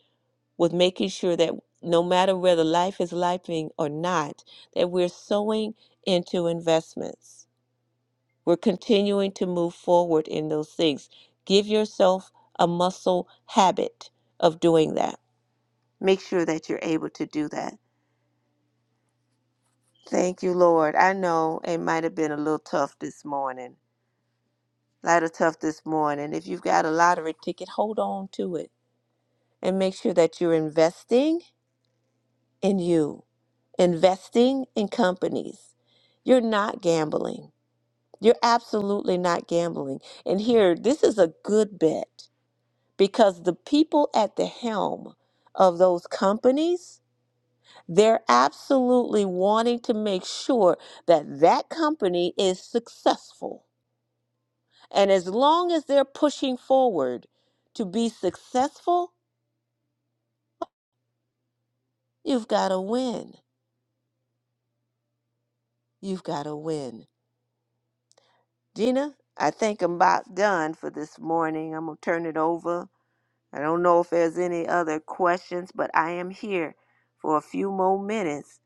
with making sure that no matter whether life is lifing or not, that we're sowing into investments. We're continuing to move forward in those things. Give yourself a muscle habit of doing that. Make sure that you're able to do that. Thank you, Lord. I know it might have been a little tough this morning Light of Tough this morning. If you've got a lottery ticket, hold on to it and make sure that you're investing in you, investing in companies. You're not gambling. You're absolutely not gambling. And here, this is a good bet because the people at the helm of those companies, they're absolutely wanting to make sure that that company is successful And as long as they're pushing forward to be successful, you've got to win. You've got to win. Gina, I think I'm about done for this morning. I'm going to turn it over. I don't know if there's any other questions, but I am here for a few more minutes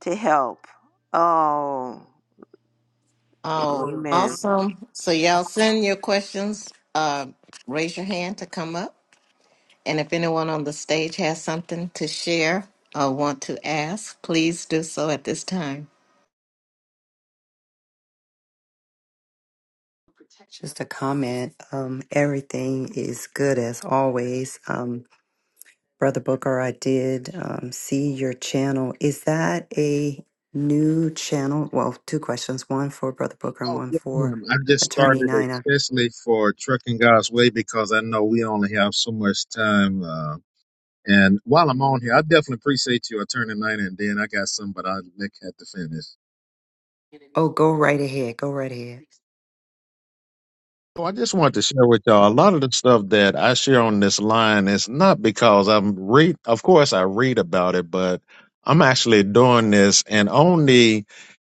to help. Oh,
Oh,
amen.
awesome! So y'all send your questions. Uh, raise your hand to come up, and if anyone on the stage has something to share or want to ask, please do so at this time.
Just a comment. Um, everything is good as always. Um, Brother Booker, I did um, see your channel. Is that a new channel? Well, two questions one for Brother Booker and
Oh,
one
yes,
for
ma'am. I just
Attorney
started
Nina.
especially for Trucking God's Way because I know we only have so much time. Uh, and while I'm on here, I definitely appreciate you. I turned the 90 and then I got some, but I Nick had to finish.
Oh, go right ahead. Go right ahead.
So I just wanted to share with y'all a lot of the stuff that I share on this line is not because I'm read of course I read about it, but I'm actually doing this and on the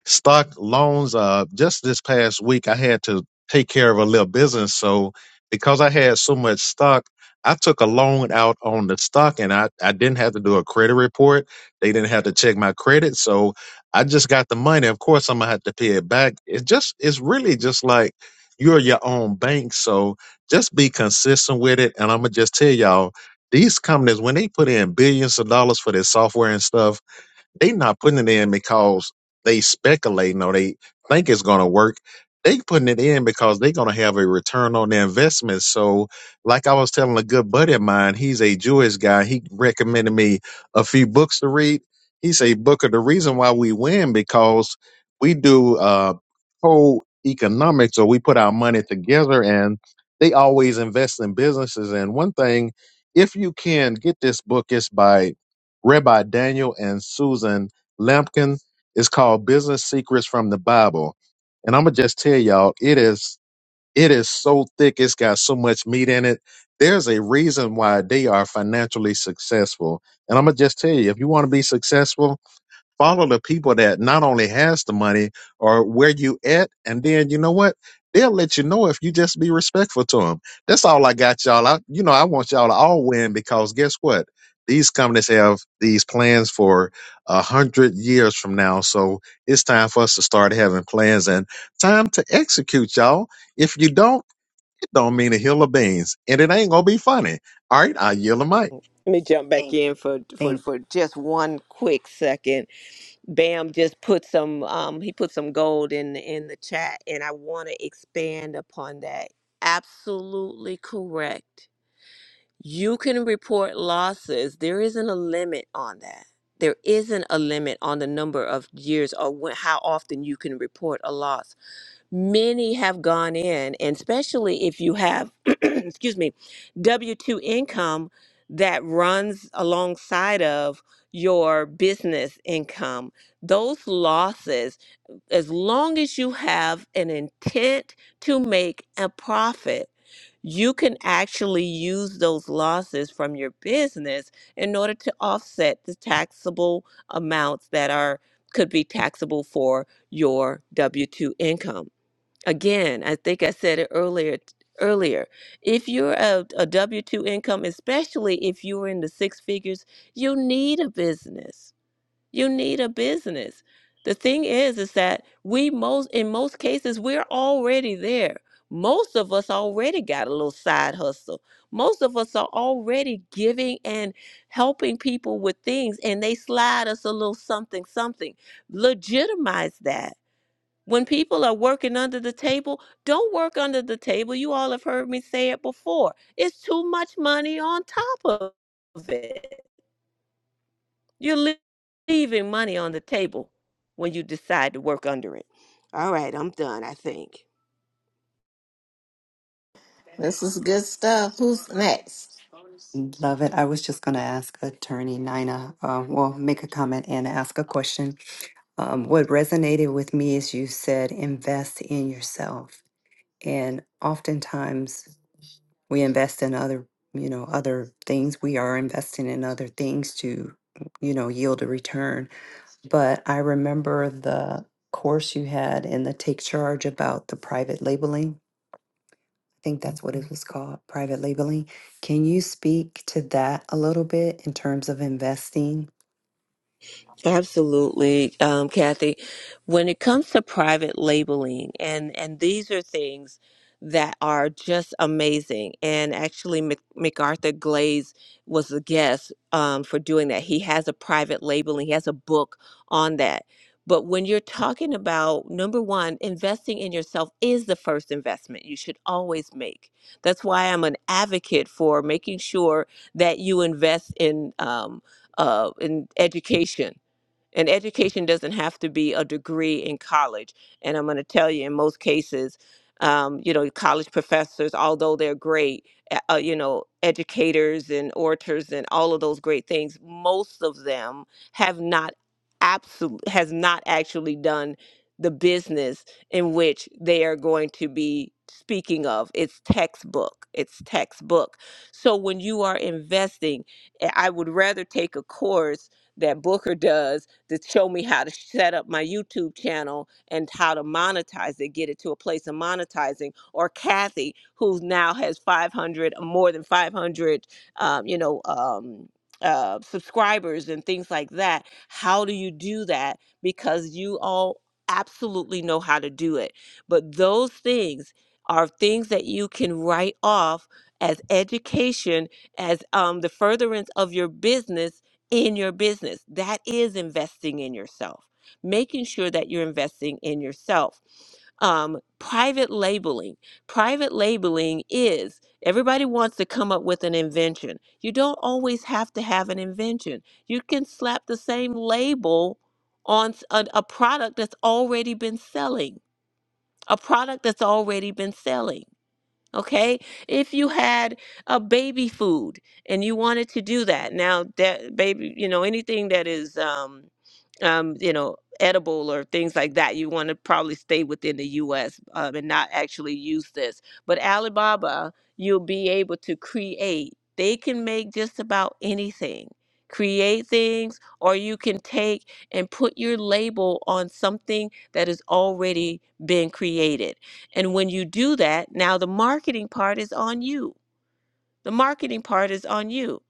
stock loans uh just this past week I had to take care of a little business. So because I had so much stock, I took a loan out on the stock and I, I didn't have to do a credit report. They didn't have to check my credit. So I just got the money. Of course I'm gonna have to pay it back. It's just it's really just like you're your own bank. So just be consistent with it. And I'm going to just tell y'all, these companies, when they put in billions of dollars for their software and stuff, they not putting it in because they speculating or they think it's gonna work. They putting it in because they're gonna have a return on their investment. So, like I was telling a good buddy of mine, he's a Jewish guy. He recommended me a few books to read. He say, Booker, the reason why we win because we do uh co-economics or we put our money together and they always invest in businesses. And one thing, if you can get this book, it's by Rabbi Daniel and Susan Lampkin. It's called Business Secrets from the Bible. And I'm gonna just tell y'all, it is it is so thick, it's got so much meat in it. There's a reason why they are financially successful. And I'm gonna just tell you, if you want to be successful, follow the people that not only has the money or where you at and then you know what they'll let you know if you just be respectful to them that's all i got y'all I, you know i want y'all to all win because guess what these companies have these plans for a hundred years from now so it's time for us to start having plans and time to execute y'all if you don't it don't mean a hill of beans and it ain't gonna be funny all right i yield the mic
Let me jump back in for, for,
Thank
for just one quick second. Bam just put some um he put some gold in in the chat and I want to expand upon that. Absolutely correct. You can report losses. There isn't a limit on that. There isn't a limit on the number of years or wh- how often you can report a loss many have gone in and especially if you have excuse me w2 income that runs alongside of your business income those losses as long as you have an intent to make a profit you can actually use those losses from your business in order to offset the taxable amounts that are could be taxable for your W2 income. Again, I think I said it earlier earlier. If you're a, a W2 income, especially if you're in the six figures, you need a business. You need a business. The thing is is that we most in most cases we're already there. Most of us already got a little side hustle. Most of us are already giving and helping people with things and they slide us a little something something. Legitimize that when people are working under the table, don't work under the table. You all have heard me say it before. It's too much money on top of it. You're leaving money on the table when you decide to work under it. All right, I'm done, I think.
This is good stuff. Who's next?
Love it. I was just going to ask Attorney Nina, uh, well, make a comment and ask a question. Um, what resonated with me is you said invest in yourself. And oftentimes we invest in other you know other things we are investing in other things to you know yield a return but i remember the course you had in the take charge about the private labeling think that's what it was called, private labeling. Can you speak to that a little bit in terms of investing?
Absolutely, um, Kathy. When it comes to private labeling, and and these are things that are just amazing. And actually, Mc, MacArthur Glaze was a guest um, for doing that. He has a private labeling. He has a book on that. But when you're talking about number one, investing in yourself is the first investment you should always make. That's why I'm an advocate for making sure that you invest in um, uh, in education and education doesn't have to be a degree in college. And I'm going to tell you, in most cases, um, you know, college professors, although they're great, uh, uh, you know, educators and orators and all of those great things, most of them have not absolute has not actually done the business in which they are going to be speaking of. It's textbook. It's textbook. So when you are investing, eh, I would rather take a course that Booker does to show me how to set up my YouTube channel and how to monetize it, get it to a place of monetizing. Or Kathy, who now has 500, more than 500, um, you know, um, uh, subscribers and things like that. How do you do that? Because you all absolutely know how to do it. But those things are things that you can write off as education, as um, the furtherance of your business in your business. That is investing in yourself, making sure that you're investing in yourself. Um, private labeling. Private labeling is everybody wants to come up with an invention. You don't always have to have an invention, you can slap the same label on s- a, a product that's already been selling, a product that's already been selling. Okay, if you had a baby food and you wanted to do that, now that baby, you know, anything that is um, um, you know, edible or things like that. You want to probably stay within the U.S. Um, and not actually use this. But Alibaba, you'll be able to create. They can make just about anything. Create things, or you can take and put your label on something that has already been created. And when you do that, now the marketing part is on you the marketing part is on you.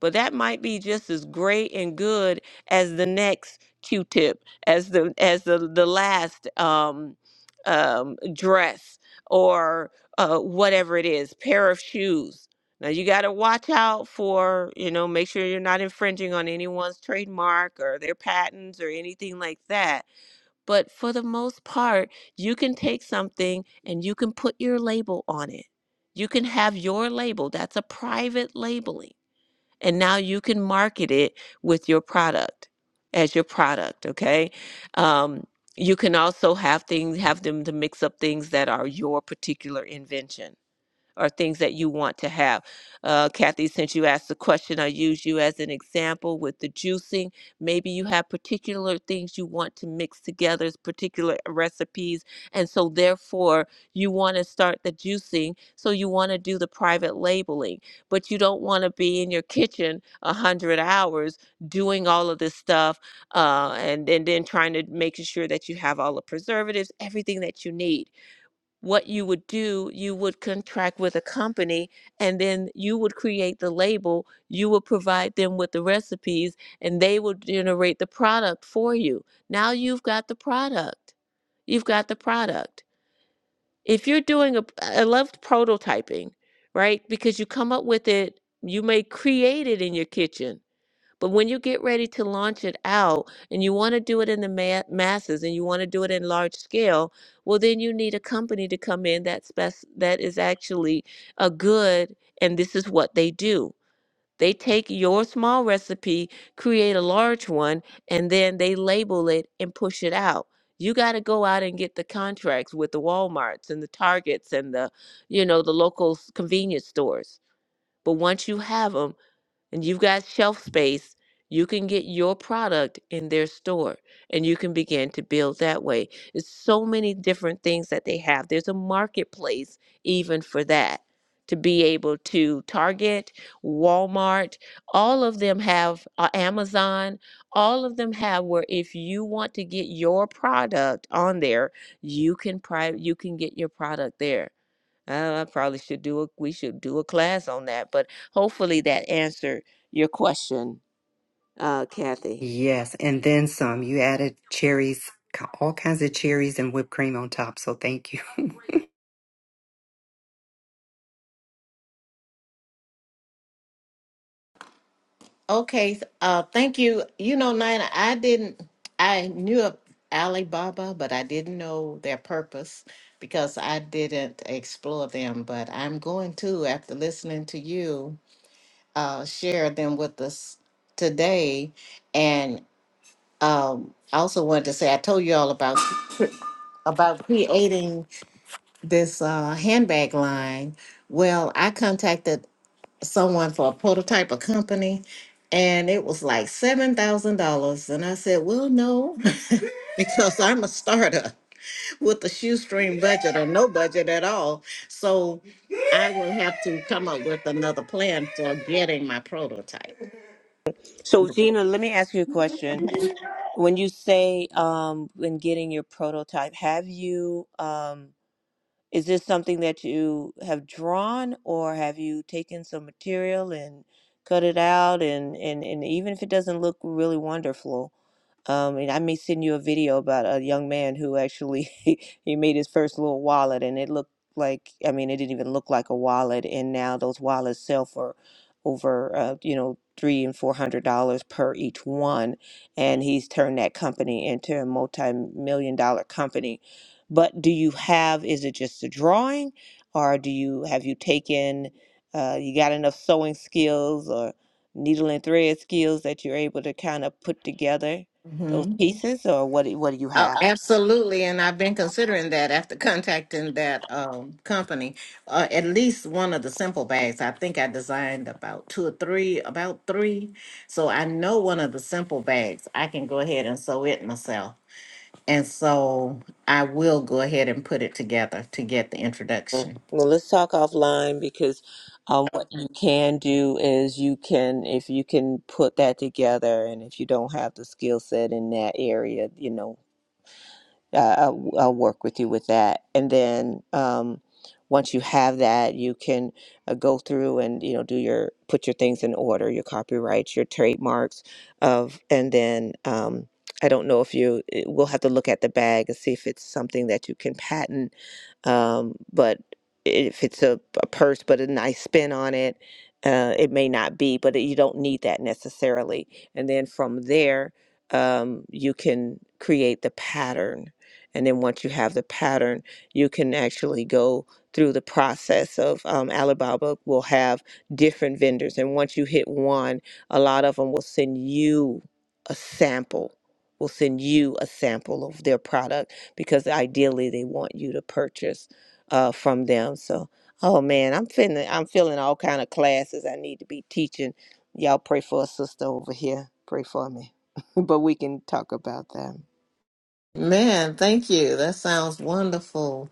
But that might be just as great and good as the next Q-tip, as the as the the last um, um, dress or uh, whatever it is, pair of shoes. Now you got to watch out for, you know, make sure you're not infringing on anyone's trademark or their patents or anything like that but for the most part, you can take something and you can put your label on it. You can have your label. That's a private labeling. And now you can market it with your product as your product, okay? Um, you can also have things, have them to mix up things that are your particular invention or things that you want to have. Uh, Kathy, since you asked the question, I use you as an example with the juicing. Maybe you have particular things you want to mix together, particular recipes, and so therefore you want to start the juicing. So you want to do the private labeling, but you don't want to be in your kitchen a hundred hours doing all of this stuff, uh, and and then trying to make sure that you have all the preservatives, everything that you need what you would do, you would contract with a company and then you would create the label, you would provide them with the recipes, and they would generate the product for you. Now you've got the product. You've got the product. If you're doing a, I love prototyping, right? Because you come up with it, you may create it in your kitchen but when you get ready to launch it out and you want to do it in the ma- masses and you want to do it in large scale, well, then you need a company to come in that spec- that is actually a good, and this is what they do. They take your small recipe, create a large one, and then they label it and push it out. You got to go out and get the contracts with the Walmarts and the Targets and the, you know, the local s- convenience stores. But once you have them, and you've got shelf space, you can get your product in their store and you can begin to build that way. It's so many different things that they have. There's a marketplace even for that to be able to Target, Walmart, all of them have uh, Amazon, all of them have where if you want to get your product on there, you can pri- you can get your product there. Uh, I probably should do a we should do a class on that, but hopefully that answered your question, uh, Kathy.
Yes, and then some. You added cherries, co- all kinds of cherries and whipped cream on top. So thank you.
Okay, uh, thank you. You know, Nina, I didn't, I knew of Alibaba, but I didn't know their purpose because I didn't explore them. But I'm going to, after listening to you, uh, share them with us today. And um, I also wanted to say, I told you all about about creating this uh, handbag line. Well, I contacted someone for a prototype of company and it was like $7,000 and I said, "Well, no, because I'm a starter with a shoestring budget or no budget at all. So I will have to come up with another plan for getting my prototype."
So Gina, let me ask you a question. When you say um, when getting your prototype, have you? um, Is this something that you have drawn, or have you taken some material and cut it out? And, and, and even if it doesn't look really wonderful, um, and I may send you a video about a young man who actually he made his first little wallet, and it looked like I mean it didn't even look like a wallet, and now those wallets sell for over uh, you know three and four hundred dollars per each one, and he's turned that company into a multi-million dollar company but do you have, is it just a drawing? Or do you, have you taken, uh, you got enough sewing skills or needle and thread skills that you're able to kind of put together those Mhm. pieces? Or what, do- what do you
Oh,
have?
absolutely. And I've been considering that after contacting that um, company. Uh, at least one of the simple bags. I think I designed about two or three, about three. So I know one of the simple bags. I can go ahead and sew it myself. And so I will go ahead and put it together to get the
Mm.
introduction.
Well, let's talk offline because um, what you can do is you can, if you can put that together and if you don't have the skill set in that area, you know, uh, I'll, I'll work with you with that. And then um, once you have that, you can uh, go through and you know do your put your things in order, your copyrights, your trademarks, of and then um, I don't know if you eh, we'll have to look at the bag and see if it's something that you can patent, um, but if it's a, a purse but a nice spin on it. Uh, it may not be, but you don't need that necessarily. And then from there, um, you can create the pattern and then once you have the pattern, you can actually go through the process of um, Alibaba will have different vendors. And once you hit one, a lot of them will send you a sample, will send you a sample of their product because ideally they want you to purchase uh, from them. So, oh man, I'm feeling, I'm feeling all kind of classes I need to be teaching. Y'all pray for a sister over here. Pray for me. but we can talk about that.
Man, thank you. That sounds wonderful.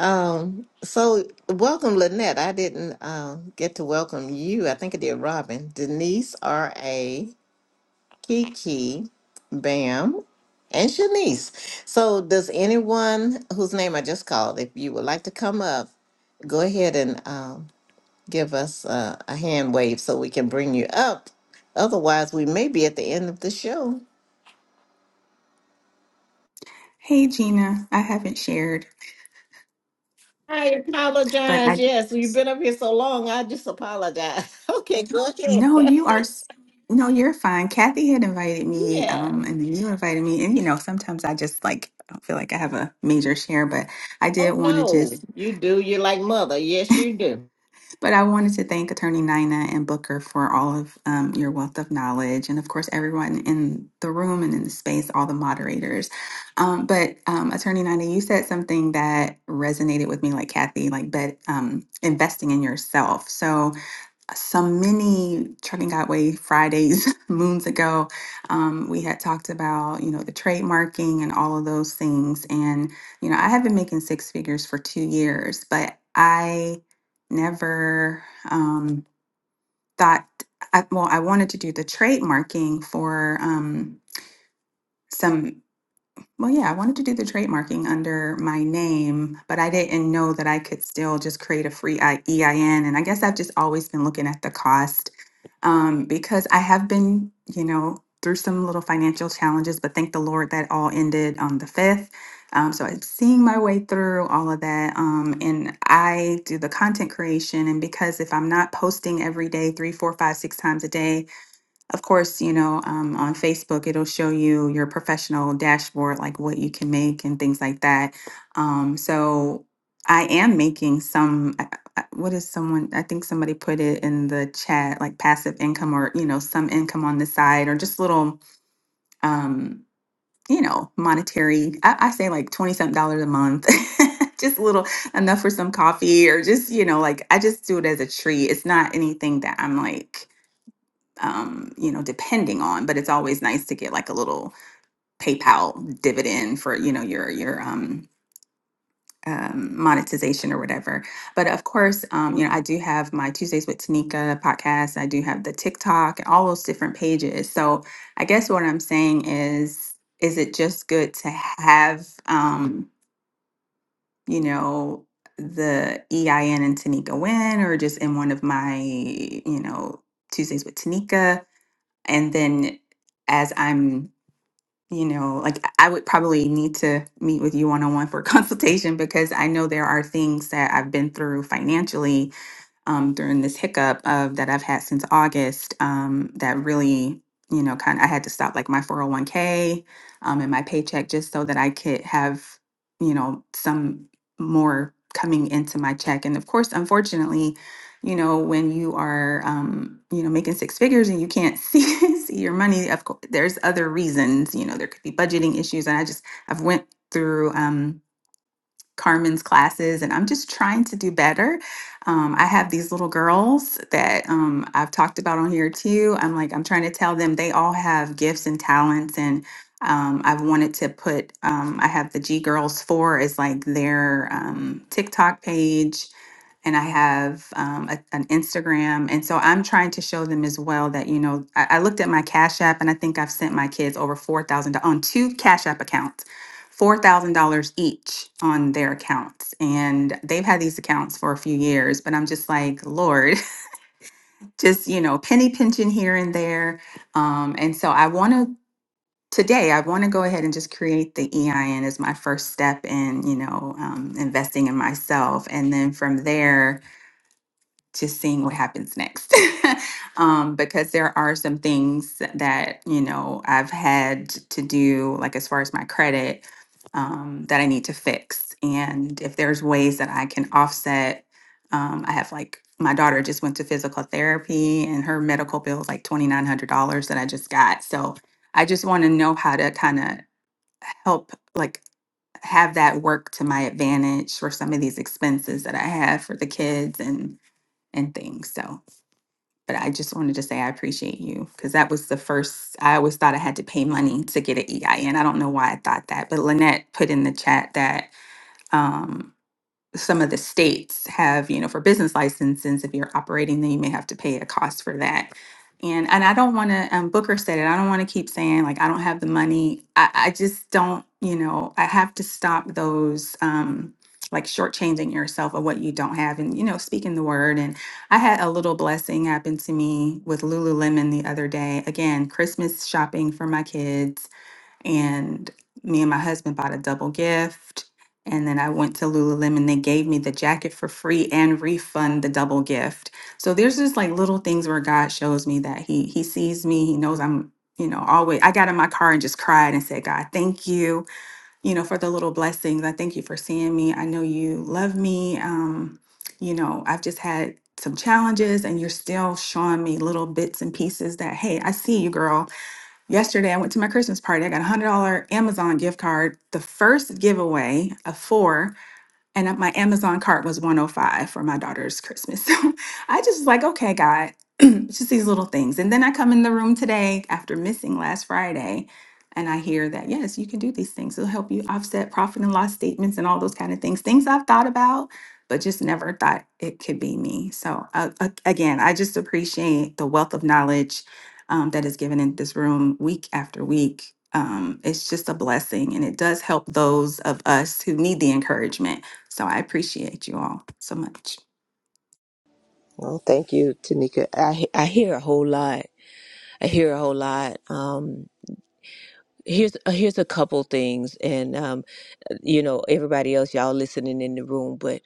Um, so welcome, Lynette. I didn't uh, get to welcome you. I think I did Robin, Denise, R.A., Kiki, Bam, and Shanice. So does anyone whose name I just called, if you would like to come up, go ahead and um, give us uh, a hand wave so we can bring you up. Otherwise, we may be at the end of the show.
Hey Gina, I haven't shared,
I
but
apologize.
I
Yes, you've been up here so long. I just apologize. Okay, go ahead.
no you are. s- No, you're fine. Kathy had invited me,
yes.
um, and then you invited me, and you know, sometimes I just like I don't feel like I have a major share, but I
Oh
did want to
no,
just.
you do. You're like mother. Yes, you do.
But I wanted to thank Attorney Nina and Booker for all of um, your wealth of knowledge, and of course everyone in the room and in the space, all the moderators. Um, but um, Attorney Nina, you said something that resonated with me, like Kathy, like bet um, investing in yourself. So. some many trucking Godway Fridays moons ago, um, we had talked about you know the trademarking and all of those things, and you know I have been making six figures for two years, but I never um, thought I, well I wanted to do the trademarking for um, some. Well, yeah, I wanted to do the trademarking under my name, but I didn't know that I could still just create a free I- EIN. And I guess I've just always been looking at the cost um, because I have been, you know, through some little financial challenges, but thank the Lord that all ended on the 5th. Um, so I'm seeing my way through all of that. Um, and I do the content creation. And because if I'm not posting every day, three, four, five, six times a day, of course, you know, um, on Facebook, it'll show you your professional dashboard, like what you can make and things like that. Um, so I am making some, I- I- what is someone, I think somebody put it in the chat, like passive income or, you know, some income on the side or just little, um, you know, monetary, I, I say like 20 something dollars a month. Just a little enough for some coffee, or just, you know, like I just do it as a treat. It's not anything that I'm like, um, you know, depending on, but it's always nice to get like a little PayPal dividend for, you know, your your um, um, monetization or whatever. But of course, um, you know, I do have my Tuesdays with Tanika podcast. I do have the TikTok and all those different pages. So I guess what I'm saying is, is it just good to have, um, you know, the EIN and Tanika win or just in one of my, you know, Tuesdays with Tanika? and then as i'm you know like i would probably need to meet with you one-on-one for consultation because i know there are things that i've been through financially um, during this hiccup of that I've had since August um, that really, you know, kind of I had to stop like my 401k um, and my paycheck just so that I could have, you know, some more coming into my check. And of course, unfortunately, you know, when you are, um, you know, making six figures and you can't see, see your money, of course, there's other reasons, you know, there could be budgeting issues. And I just, I've went through, um, Carmen's classes, and I'm just trying to do better. Um, I have these little girls that um, I've talked about on here too. I'm like, I'm trying to tell them they all have gifts and talents, and um, I've wanted to put, um, I have the G Girls 4 is like their um, TikTok page and I have um, a, an Instagram. And so I'm trying to show them as well that, you know, I, I looked at my Cash App and I think I've sent my kids over $4,000 on two Cash App accounts, $4,000 each on their accounts. And they've had these accounts for a few years, but I'm just like, Lord, just, you know, penny pinching here and there. Um, and so I want to. Today, I want to go ahead and just create the EIN as my first step in, you know, um, investing in myself, and then from there, to seeing what happens next um, because there are some things that you know i've had to do like as far as my credit um, that i need to fix and if there's ways that i can offset um, i have like my daughter just went to physical therapy and her medical bill is like $2900 that i just got so i just want to know how to kind of help like have that work to my advantage for some of these expenses that i have for the kids and and things. So, but I just wanted to say I appreciate you because that was the first. I always thought I had to pay money to get an EIN. I N. I don't know why I thought that, but Lynette put in the chat that. Um, some of the states have, you know, for business licenses, if you're operating, then you may have to pay a cost for that. And and I don't want to. Um, Booker said it. I don't want to keep saying like I don't have the money. I, I just don't. You know, I have to stop those. Um, like shortchanging yourself of what you don't have, and you know, speaking the word. And I had a little blessing happen to me with Lululemon the other day. Again, Christmas shopping for my kids, and me and my husband bought a double gift. And then I went to Lululemon. They gave me the jacket for free and refund the double gift. So there's just like little things where God shows me that He He sees me. He knows I'm, you know, always. I got in my car and just cried and said, God, thank you, you know, for the little blessings. I thank you for seeing me. I know you love me. Um, you know, I've just had some challenges, and you're still showing me little bits and pieces that, hey, I see you, girl Yesterday, I went to my Christmas party. I got a $100 Amazon gift card, the first giveaway of four and uh, my Amazon cart was 105 for my daughter's Christmas. So I just was like, okay, God, it's just these little things. And then I come in the room today after missing last Friday, and I hear that yes, you can do these things. It'll help you offset profit and loss statements and all those kind of things. Things I've thought about, but just never thought it could be me. So uh, uh, again, I just appreciate the wealth of knowledge um, that is given in this room week after week. Um, it's just a blessing, and it does help those of us who need the encouragement so I appreciate you all so much.
Well, thank you, Tanika. I he- I hear a whole lot. I hear a whole lot. Um, here's uh, here's a couple things, and um, you know, everybody else, y'all listening in the room, but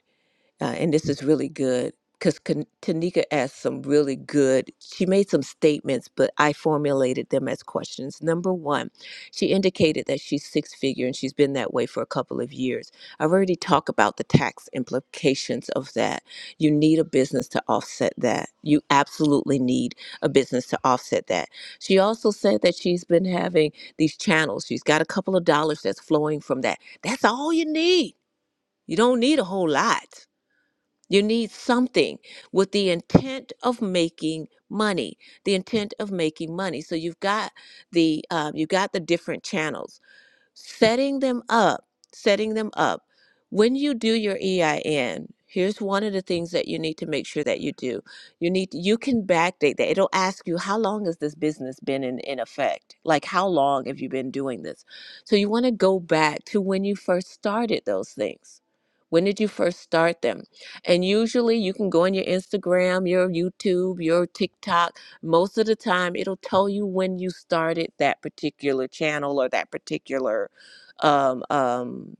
uh, and this is really good because Tanika asked some really good. She made some statements, but I formulated them as questions. Number one, she indicated that she's six figure and she's been that way for a couple of years. I've already talked about the tax implications of that. You need a business to offset that. You absolutely need a business to offset that. She also said that she's been having these channels. She's got a couple of dollars that's flowing from that. That's all you need. You don't need a whole lot you need something with the intent of making money. The intent of making money. So you've got the uh, you've got the different channels setting them up, setting them up. When you do your EIN, here's one of the things that you need to make sure that you do. You need you can backdate that. It'll ask you how long has this business been in, in effect? Like how long have you been doing this? So you want to go back to when you first started those things. When did you first start them? And usually you can go on your Instagram, your YouTube, your TikTok most of the time, it'll tell you when you started that particular channel or that particular um, um,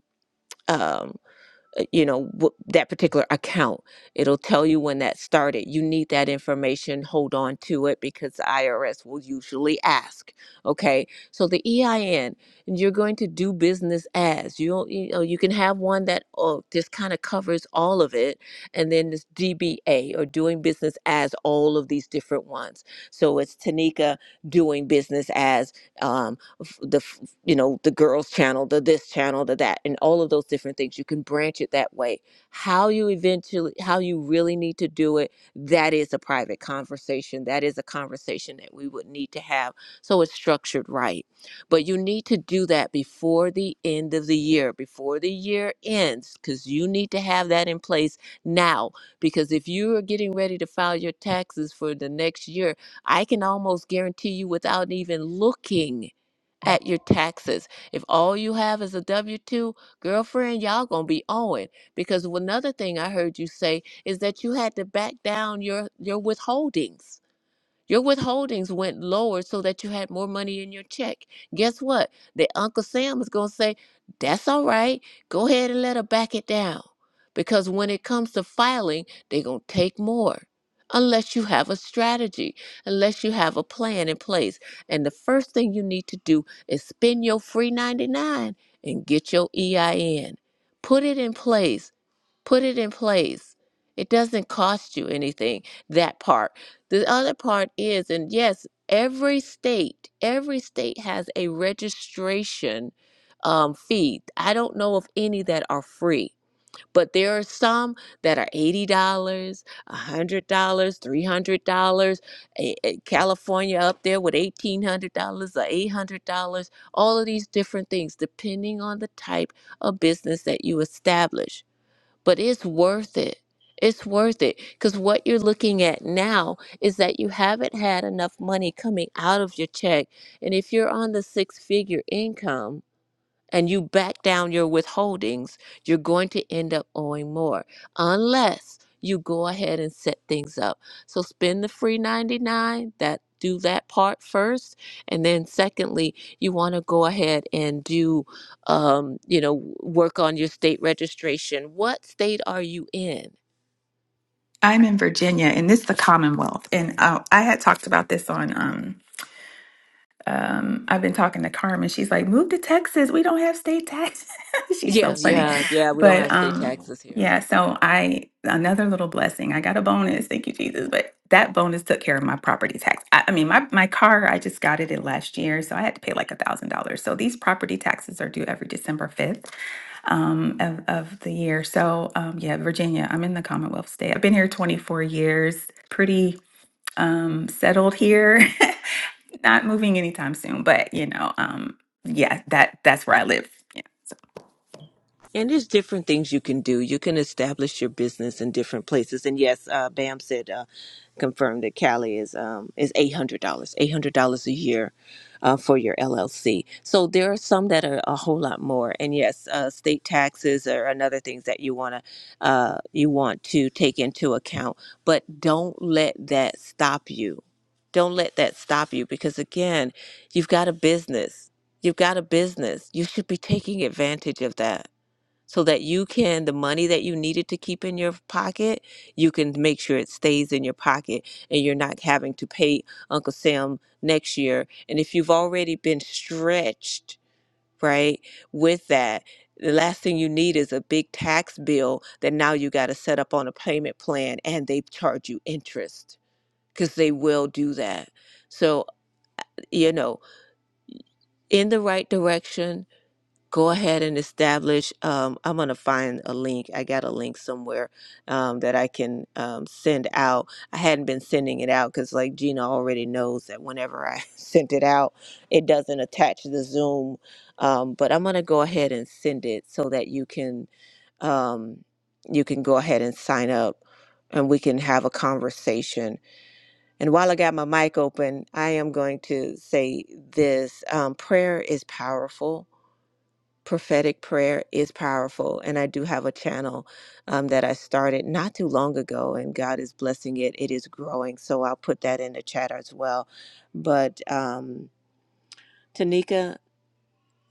um, uh, you know wh- that particular account it'll tell you when that started you need that information hold on to it because the irs will usually ask okay so the ein and you're going to do business as you don't you know you can have one that oh this kind of covers all of it and then this dba or doing business as all of these different ones so it's tanika doing business as um, f- the f- you know, the girls channel, the this channel, the that, and all of those different things. You can branch it that way. How you eventually, how you really need to do it, that is a private conversation. That is a conversation that we would need to have. So it's structured right. But you need to do that before the end of the year, before the year ends, because you need to have that in place now. Because if you are getting ready to file your taxes for the next year, I can almost guarantee you without even looking at your taxes. If all you have is a W 2, girlfriend, y'all gonna be owing. Because another thing I heard you say is that you had to back down your, your withholdings. Your withholdings went lower so that you had more money in your check. Guess what? The Uncle Sam is going to say, That's all right. Go ahead and let her back it down. Because when it comes to filing, they're going to take more. Unless you have a strategy, unless you have a plan in place. And the first thing you need to do is spend your free 99 and get your EIN. Put it in place put it in place. It doesn't cost you anything, that part. The other part is, and yes, every state, every state has a registration um, fee. I don't know of any that are free, but there are some that are $80, $100, $300. A- a- California up there with $1,800 or $800, all of these different things, depending on the type of business that you establish but it's worth it. It's worth it because what you're looking at now is that you haven't had enough money coming out of your check. And if you're on the six figure income, and you back down your withholdings, you're going to end up owing more unless you go ahead and set things up. So spend the free 99 that do that part first and then secondly you want to go ahead and do um, you know work on your state registration what state are you in
I'm in Virginia, and this is the Commonwealth. And uh, I had talked about this on. Um, um, I've been talking to Carmen. She's like, "Move to Texas. We don't have state tax." She's so
yeah
funny,
yeah yeah we don't
but
have state
um,
taxes here
yeah. So I another little blessing. I got a bonus. Thank you, Jesus. But that bonus took care of my property tax. I, I mean, my my car. I just got it in last year, so I had to pay like a thousand dollars. So these property taxes are due every December fifth. um, of, of the year. So, um, yeah, Virginia, I'm in the Commonwealth state. I've been here 24 years, pretty um, settled here, not moving anytime soon, but you know, um, yeah, that that's where I live.
And there's different things you can do. You can establish your business in different places. And yes, uh, Bam said, uh, confirmed that Cali is um, is eight hundred dollars, eight hundred dollars a year uh, for your LLC. So there are some that are a whole lot more. And yes, uh, state taxes are another things that you wanna uh, you want to take into account. But don't let that stop you. Don't let that stop you because again, you've got a business. You've got a business. You should be taking advantage of that so that you can the money that you needed to keep in your pocket you can make sure it stays in your pocket and you're not having to pay uncle sam next year and if you've already been stretched right with that the last thing you need is a big tax bill that now you got to set up on a payment plan and they charge you interest because they will do that so you know in the right direction go ahead and establish um, i'm going to find a link i got a link somewhere um, that i can um, send out i hadn't been sending it out because like gina already knows that whenever i sent it out it doesn't attach to the zoom um, but i'm going to go ahead and send it so that you can um, you can go ahead and sign up and we can have a conversation. And while I got my mic open, I am going to say this um, prayer is powerful prophetic prayer is powerful and i do have a channel um, that i started not too long ago and god is blessing it it is growing so i'll put that in the chat as well but um, tanika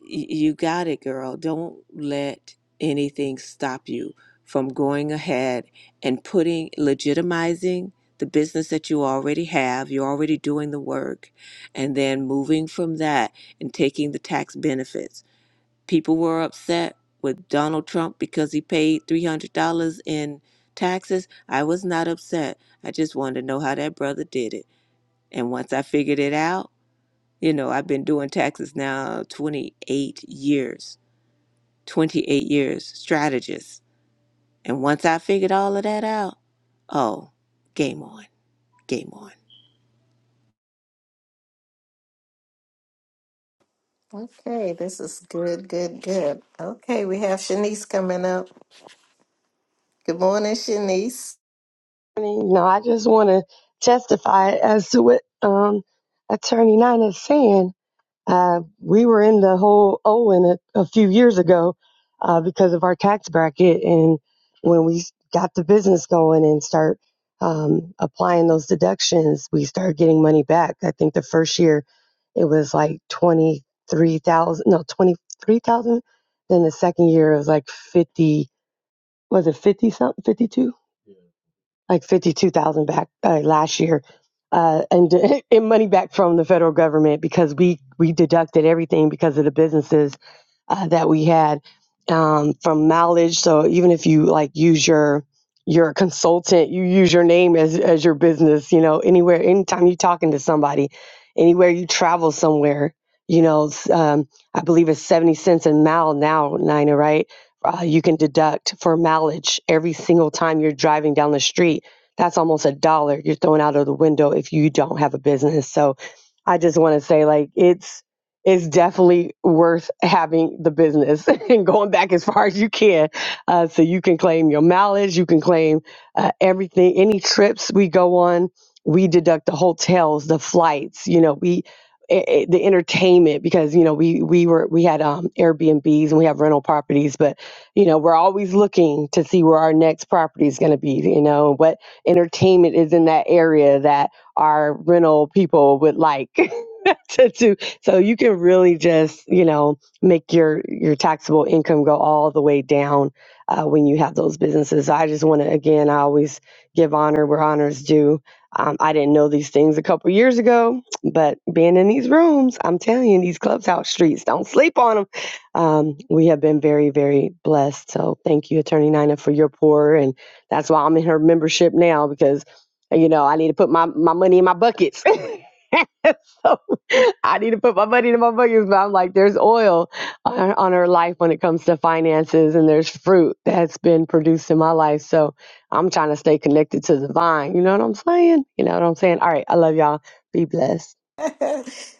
y- you got it girl don't let anything stop you from going ahead and putting legitimizing the business that you already have you're already doing the work and then moving from that and taking the tax benefits People were upset with Donald Trump because he paid $300 in taxes. I was not upset. I just wanted to know how that brother did it. And once I figured it out, you know, I've been doing taxes now 28 years, 28 years, strategist. And once I figured all of that out, oh, game on, game on.
Okay, this is good, good, good. Okay, we have Shanice coming up. Good morning, Shanice.
No, I just want to testify as to what um, Attorney Nine is saying. Uh, we were in the whole Owen a, a few years ago uh, because of our tax bracket, and when we got the business going and start um, applying those deductions, we started getting money back. I think the first year it was like twenty three thousand, no twenty three thousand. Then the second year it was like fifty. Was it fifty something? Fifty two? like 52,000 back uh, last year uh, and in money back from the federal government because we we deducted everything because of the businesses uh, that we had um, from mileage so even if you like use your your consultant you use your name as as your business you know anywhere anytime you're talking to somebody anywhere you travel somewhere you know s- um, I believe it's 70 cents a mile now Nina right uh, you can deduct for mileage every single time you're driving down the street. That's almost a dollar you're throwing out of the window if you don't have a business. So I just want to say, like, it's it's definitely worth having the business and going back as far as you can, uh, so you can claim your mileage, you can claim uh, everything, any trips we go on. We deduct the hotels, the flights. You know, we eh, eh, the entertainment because you know we we were we had um Airbnbs and we have rental properties, but you know we're always looking to see where our next property is going to be you know what entertainment is in that area that our rental people would like to do so you can really just you know make your your taxable income go all the way down uh, when you have those businesses i just want to again i always give honor where honors due um, i didn't know these things a couple years ago but being in these rooms i'm telling you these clubhouse streets don't sleep on them. Um, we have been very, very blessed. So thank you, Attorney Nina, for your pour. And that's why I'm in her membership now because, you know, I need to put my, my money in my buckets. so I need to put my money in my buckets. But I'm like, there's oil on, her- on her life when it comes to finances, and there's fruit that's been produced in my life. So I'm trying to stay connected to the vine. You know what I'm saying? You know what I'm saying? All right. I love y'all. Be blessed.
That's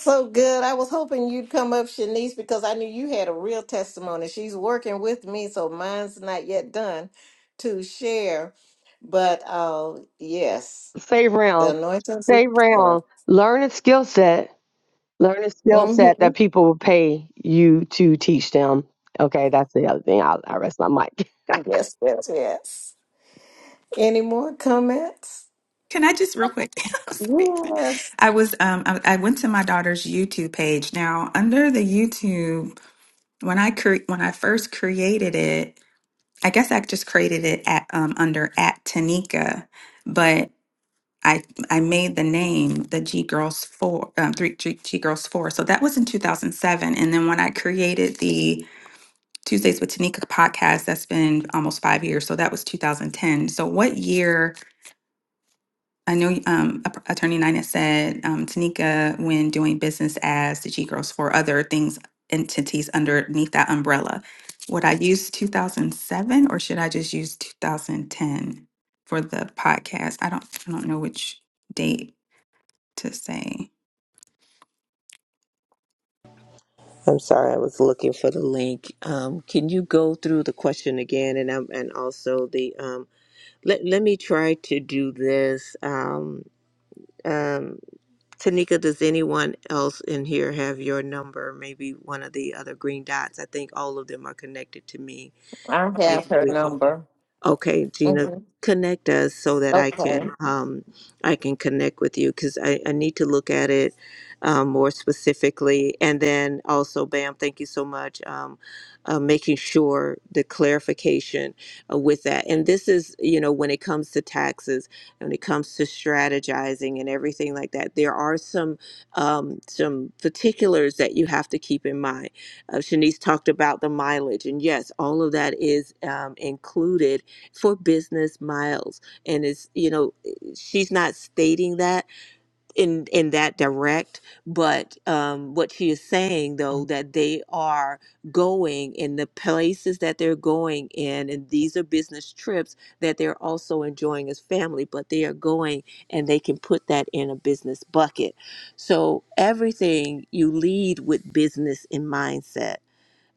so good. I was hoping you'd come up, Shanice, because I knew you had a real testimony. She's working with me, so mine's not yet done to share. But uh, yes.
Save
The
round.
anointings of
Save
oil.
round. Learn a skill set Learn a skill set
Mm-hmm.
that people will pay you to teach them. Okay, that's the other thing. I'll, I rest my mic.
Yes, yes, yes. Any more comments?
Can I just real quick? I'm sorry.
Yes.
I was um I, I went to my daughter's YouTube page. Now, under the YouTube, when I cre- when I first created it, I guess I just created it at um under at Tanika. but. I I made the name the G Girls Four, um, three G, G Girls Four. So that was in 2007, and then when I created the Tuesdays with Tanika podcast, that's been almost five years. So that was 2010. So what year? I know um, App- Attorney Nina said um, Tanika when doing business as the G Girls Four, other things entities underneath that umbrella. Would I use 2007 or should I just use 2010 for the podcast? I don't I don't know which date to say.
I'm sorry, I was looking for the link. Um, can you go through the question again, and um, and also the um, Let, let me try to do this. Um, um, Tanika, does anyone else in here have your number? Maybe one of the other green dots. I think all of them are connected to me.
I
Maybe
have her
we can.
number.
Okay, Gina,
Mm-hmm.
connect us so that I
Okay.
can um, I can connect with you because I, I need to look at it um, more specifically. And then also, Bam, thank you so much um, uh, making sure the clarification uh, with that. And this is you know when it comes to taxes, when it comes to strategizing and everything like that, there are some um, some particulars that you have to keep in mind uh, Shanice talked about the mileage, and yes, all of that is um, included for business miles and it's you know eh, she's not stating that in in that direct but um what she is saying though that they are going in the places that they're going in and these are business trips that they're also enjoying as family but they are going and they can put that in a business bucket so everything you lead with business in mindset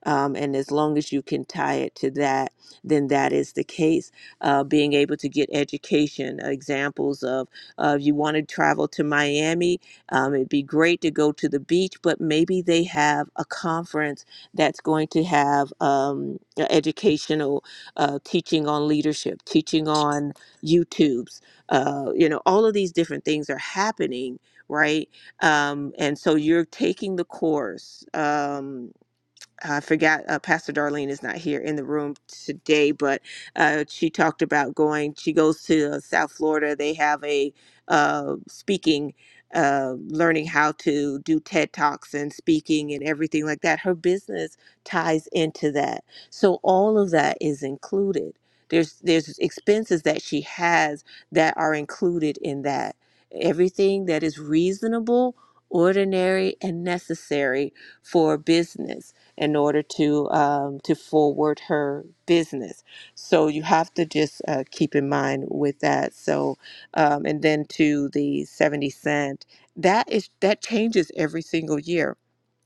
um, and as long as you can tie it to that, then that is the case. Uh, being able to get education, examples of uh, if you want to travel to Miami, um, it'd be great to go to the beach, but maybe they have a conference that's going to have um, a educational uh, teaching on leadership, teaching on YouTubes. Uh, you know, all of these different things are happening, right? Um, and so you're taking the course. Um, I forgot uh, Pastor Darlene is not here in the room today, but uh, she talked about going. She goes to uh, South Florida. They have a uh, speaking, uh, learning how to do TED Talks and speaking and everything like that. Her business ties into that, so all of that is included. There's there's expenses that she has that are included in that. Everything that is reasonable, ordinary, and necessary for business in order to um, to forward her business. So you have to just uh, keep in mind with that. So um, and then to the seventy cent that is that changes every single year.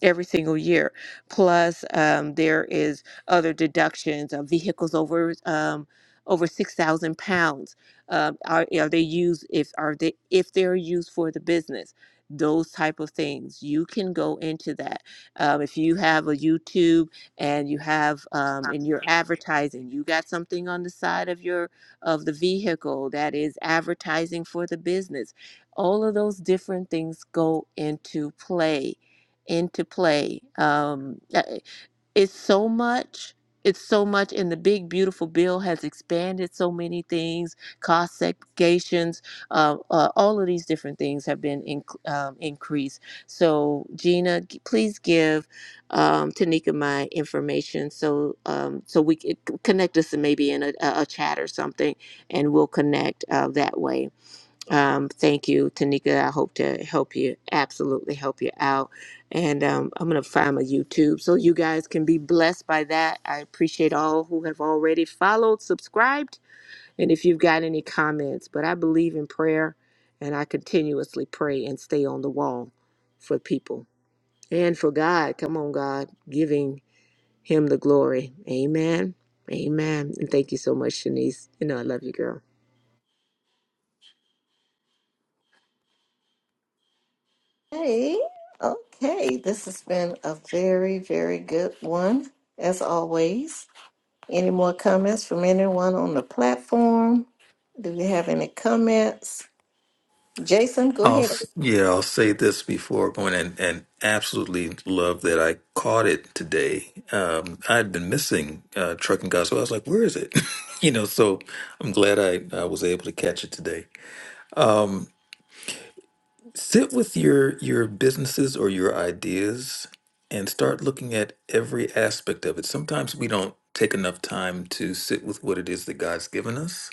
Every single year, plus um, there is other deductions of vehicles over um, over six thousand pounds. Um, are, are they used if are they if they're used for the business? Those type of things you can go into that um, if you have a YouTube and you have um, and you're advertising, you got something on the side of your of the vehicle that is advertising for the business. All of those different things go into play, into play. Um, it's so much it's so much and the big beautiful bill has expanded so many things cost segregations uh, uh, all of these different things have been in, um, increased so gina g- please give um, tanika my information so um, so we can connect us maybe in a, a a chat or something and we'll connect uh, that way um, thank you, Tanika. I hope to help you, absolutely help you out. And um, I'm going to find my YouTube so you guys can be blessed by that. I appreciate all who have already followed, subscribed, and if you've got any comments. But I believe in prayer and I continuously pray and stay on the wall for people and for God. Come on, God, giving Him the glory. Amen. Amen. And thank you so much, Shanice. You know, I love you, girl.
Hey. Okay. This has been a very, very good one, as always. Any more comments from anyone on the platform? Do we have any comments? Jason, go
I'll
ahead.
s- yeah, I'll say this before going and and absolutely love that I caught it today. Um, I'd been missing uh, trucking gospel. I was like, where is it? you know, so I'm glad I, I was able to catch it today. Sit with your your businesses or your ideas and start looking at every aspect of it. Sometimes we don't take enough time to sit with what it is that God's given us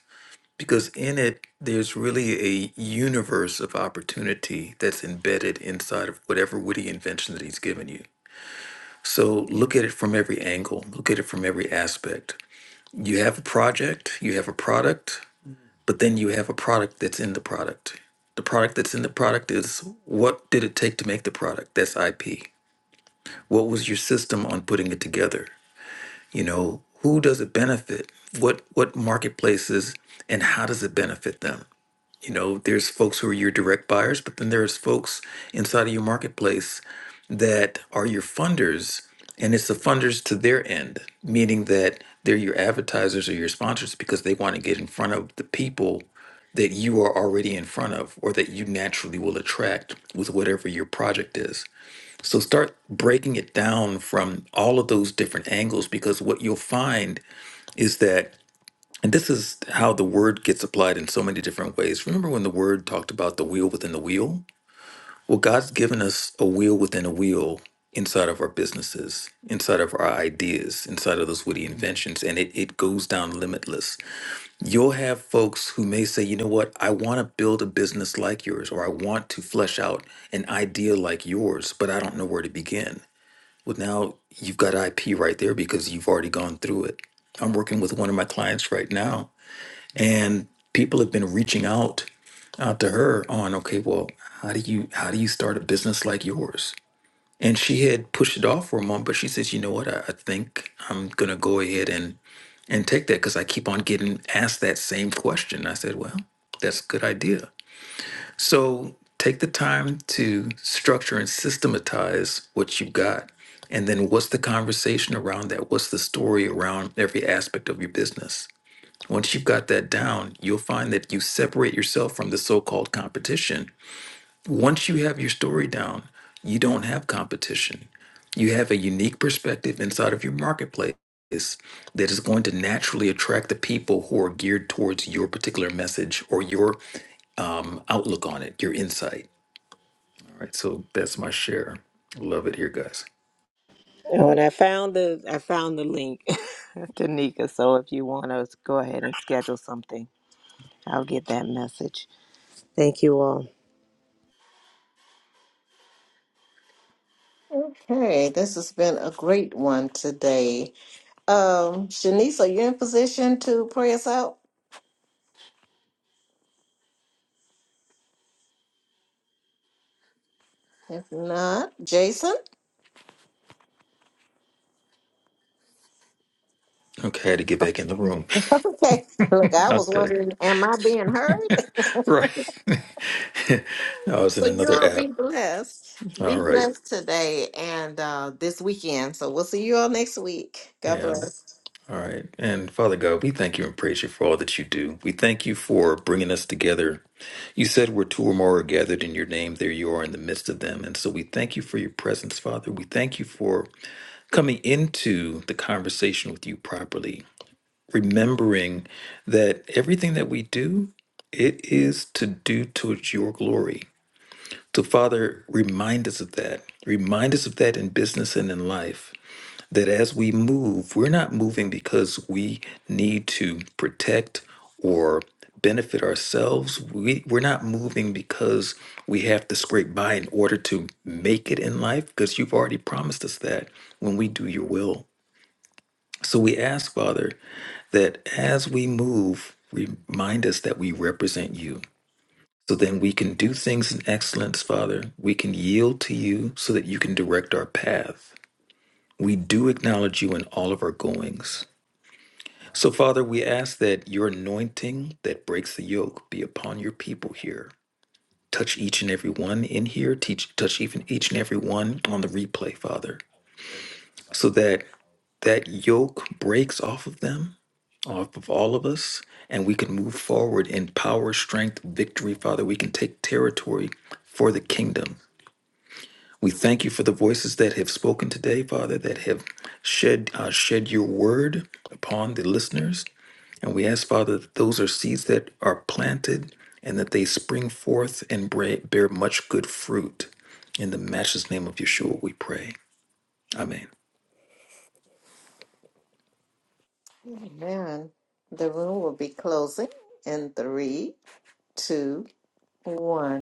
because in it there's really a universe of opportunity that's embedded inside of whatever witty invention that he's given you so look at it from every angle look at it from every aspect you have a project you have a product but then you have a product that's in the product the product that's in the product is what did it take to make the product that's ip what was your system on putting it together you know who does it benefit what what marketplaces and how does it benefit them You know, there's folks who are your direct buyers, but then there's folks inside of your marketplace that are your funders, and it's the funders to their end, meaning that they're your advertisers or your sponsors because they want to get in front of the people that you are already in front of or that you naturally will attract with whatever your project is. So start breaking it down from all of those different angles because what you'll find is that and this is how the word gets applied in so many different ways. Remember when the word talked about the wheel within the wheel? Well, God's given us a wheel within a wheel inside of our businesses, inside of our ideas, inside of those witty inventions, and it, it goes down limitless. You'll have folks who may say, you know what, I want to build a business like yours, or I want to flesh out an idea like yours, but I don't know where to begin. Well, now you've got IP right there because you've already gone through it. I'm working with one of my clients right now and people have been reaching out out to her on okay well how do you how do you start a business like yours and she had pushed it off for a month but she says you know what i, I think i'm gonna go ahead and and take that because i keep on getting asked that same question i said well that's a good idea so take the time to structure and systematize what you've got and then what's the conversation around that what's the story around every aspect of your business once you've got that down, you'll find that you separate yourself from the so called competition. Once you have your story down, you don't have competition. You have a unique perspective inside of your marketplace that is going to naturally attract the people who are geared towards your particular message or your um, outlook on it, your insight. All right, so that's my share. Love it here, guys.
Oh, and I found the I found the link to Nika. So if you want to go ahead and schedule something, I'll get that message. Thank you all.
Okay, this has been a great one today. Um, Shanice, are you in position to pray us out? If not, Jason?
Okay, I had to get back in the room.
Okay. Look, I was
Okay,
wondering, am I being heard?
right. I was in
So you
another
all
app.
be blessed.
All
Be
right.
blessed today and uh, this weekend. So we'll see you all next week. God
Yeah.
bless.
All right. And Father God, we thank you and praise you for all that you do. We thank you for bringing us together. You said where two or more are gathered in your name, there you are in the midst of them. And so we thank you for your presence, Father. We thank you for coming into the conversation with you properly, remembering that everything that we do, it is to do towards your glory. So, Father, remind us of that. Remind us of that in business and in life that as we move, we're not moving because we need to protect or benefit ourselves. We, we're not moving because we have to scrape by in order to make it in life, because you've already promised us that when we do your will. So we ask, Father, that as we move, remind us that we represent you. So then we can do things in excellence, Father. We can yield to you so that you can direct our path. We do acknowledge you in all of our goings. So, Father, we ask that your anointing that breaks the yoke be upon your people here. Touch each and every one in here. Teach, touch even each and every one on the replay, Father, so that that yoke breaks off of them, off of all of us, and we can move forward in power, strength, victory, Father. We can take territory for the kingdom. We thank you for the voices that have spoken today, Father, that have shed uh, shed your word upon the listeners. And we ask, Father, that those are seeds that are planted and that they spring forth and bra- bear much good fruit. In the matchless name of Yeshua, we pray. Amen.
Amen. The room will be closing in three, two, one.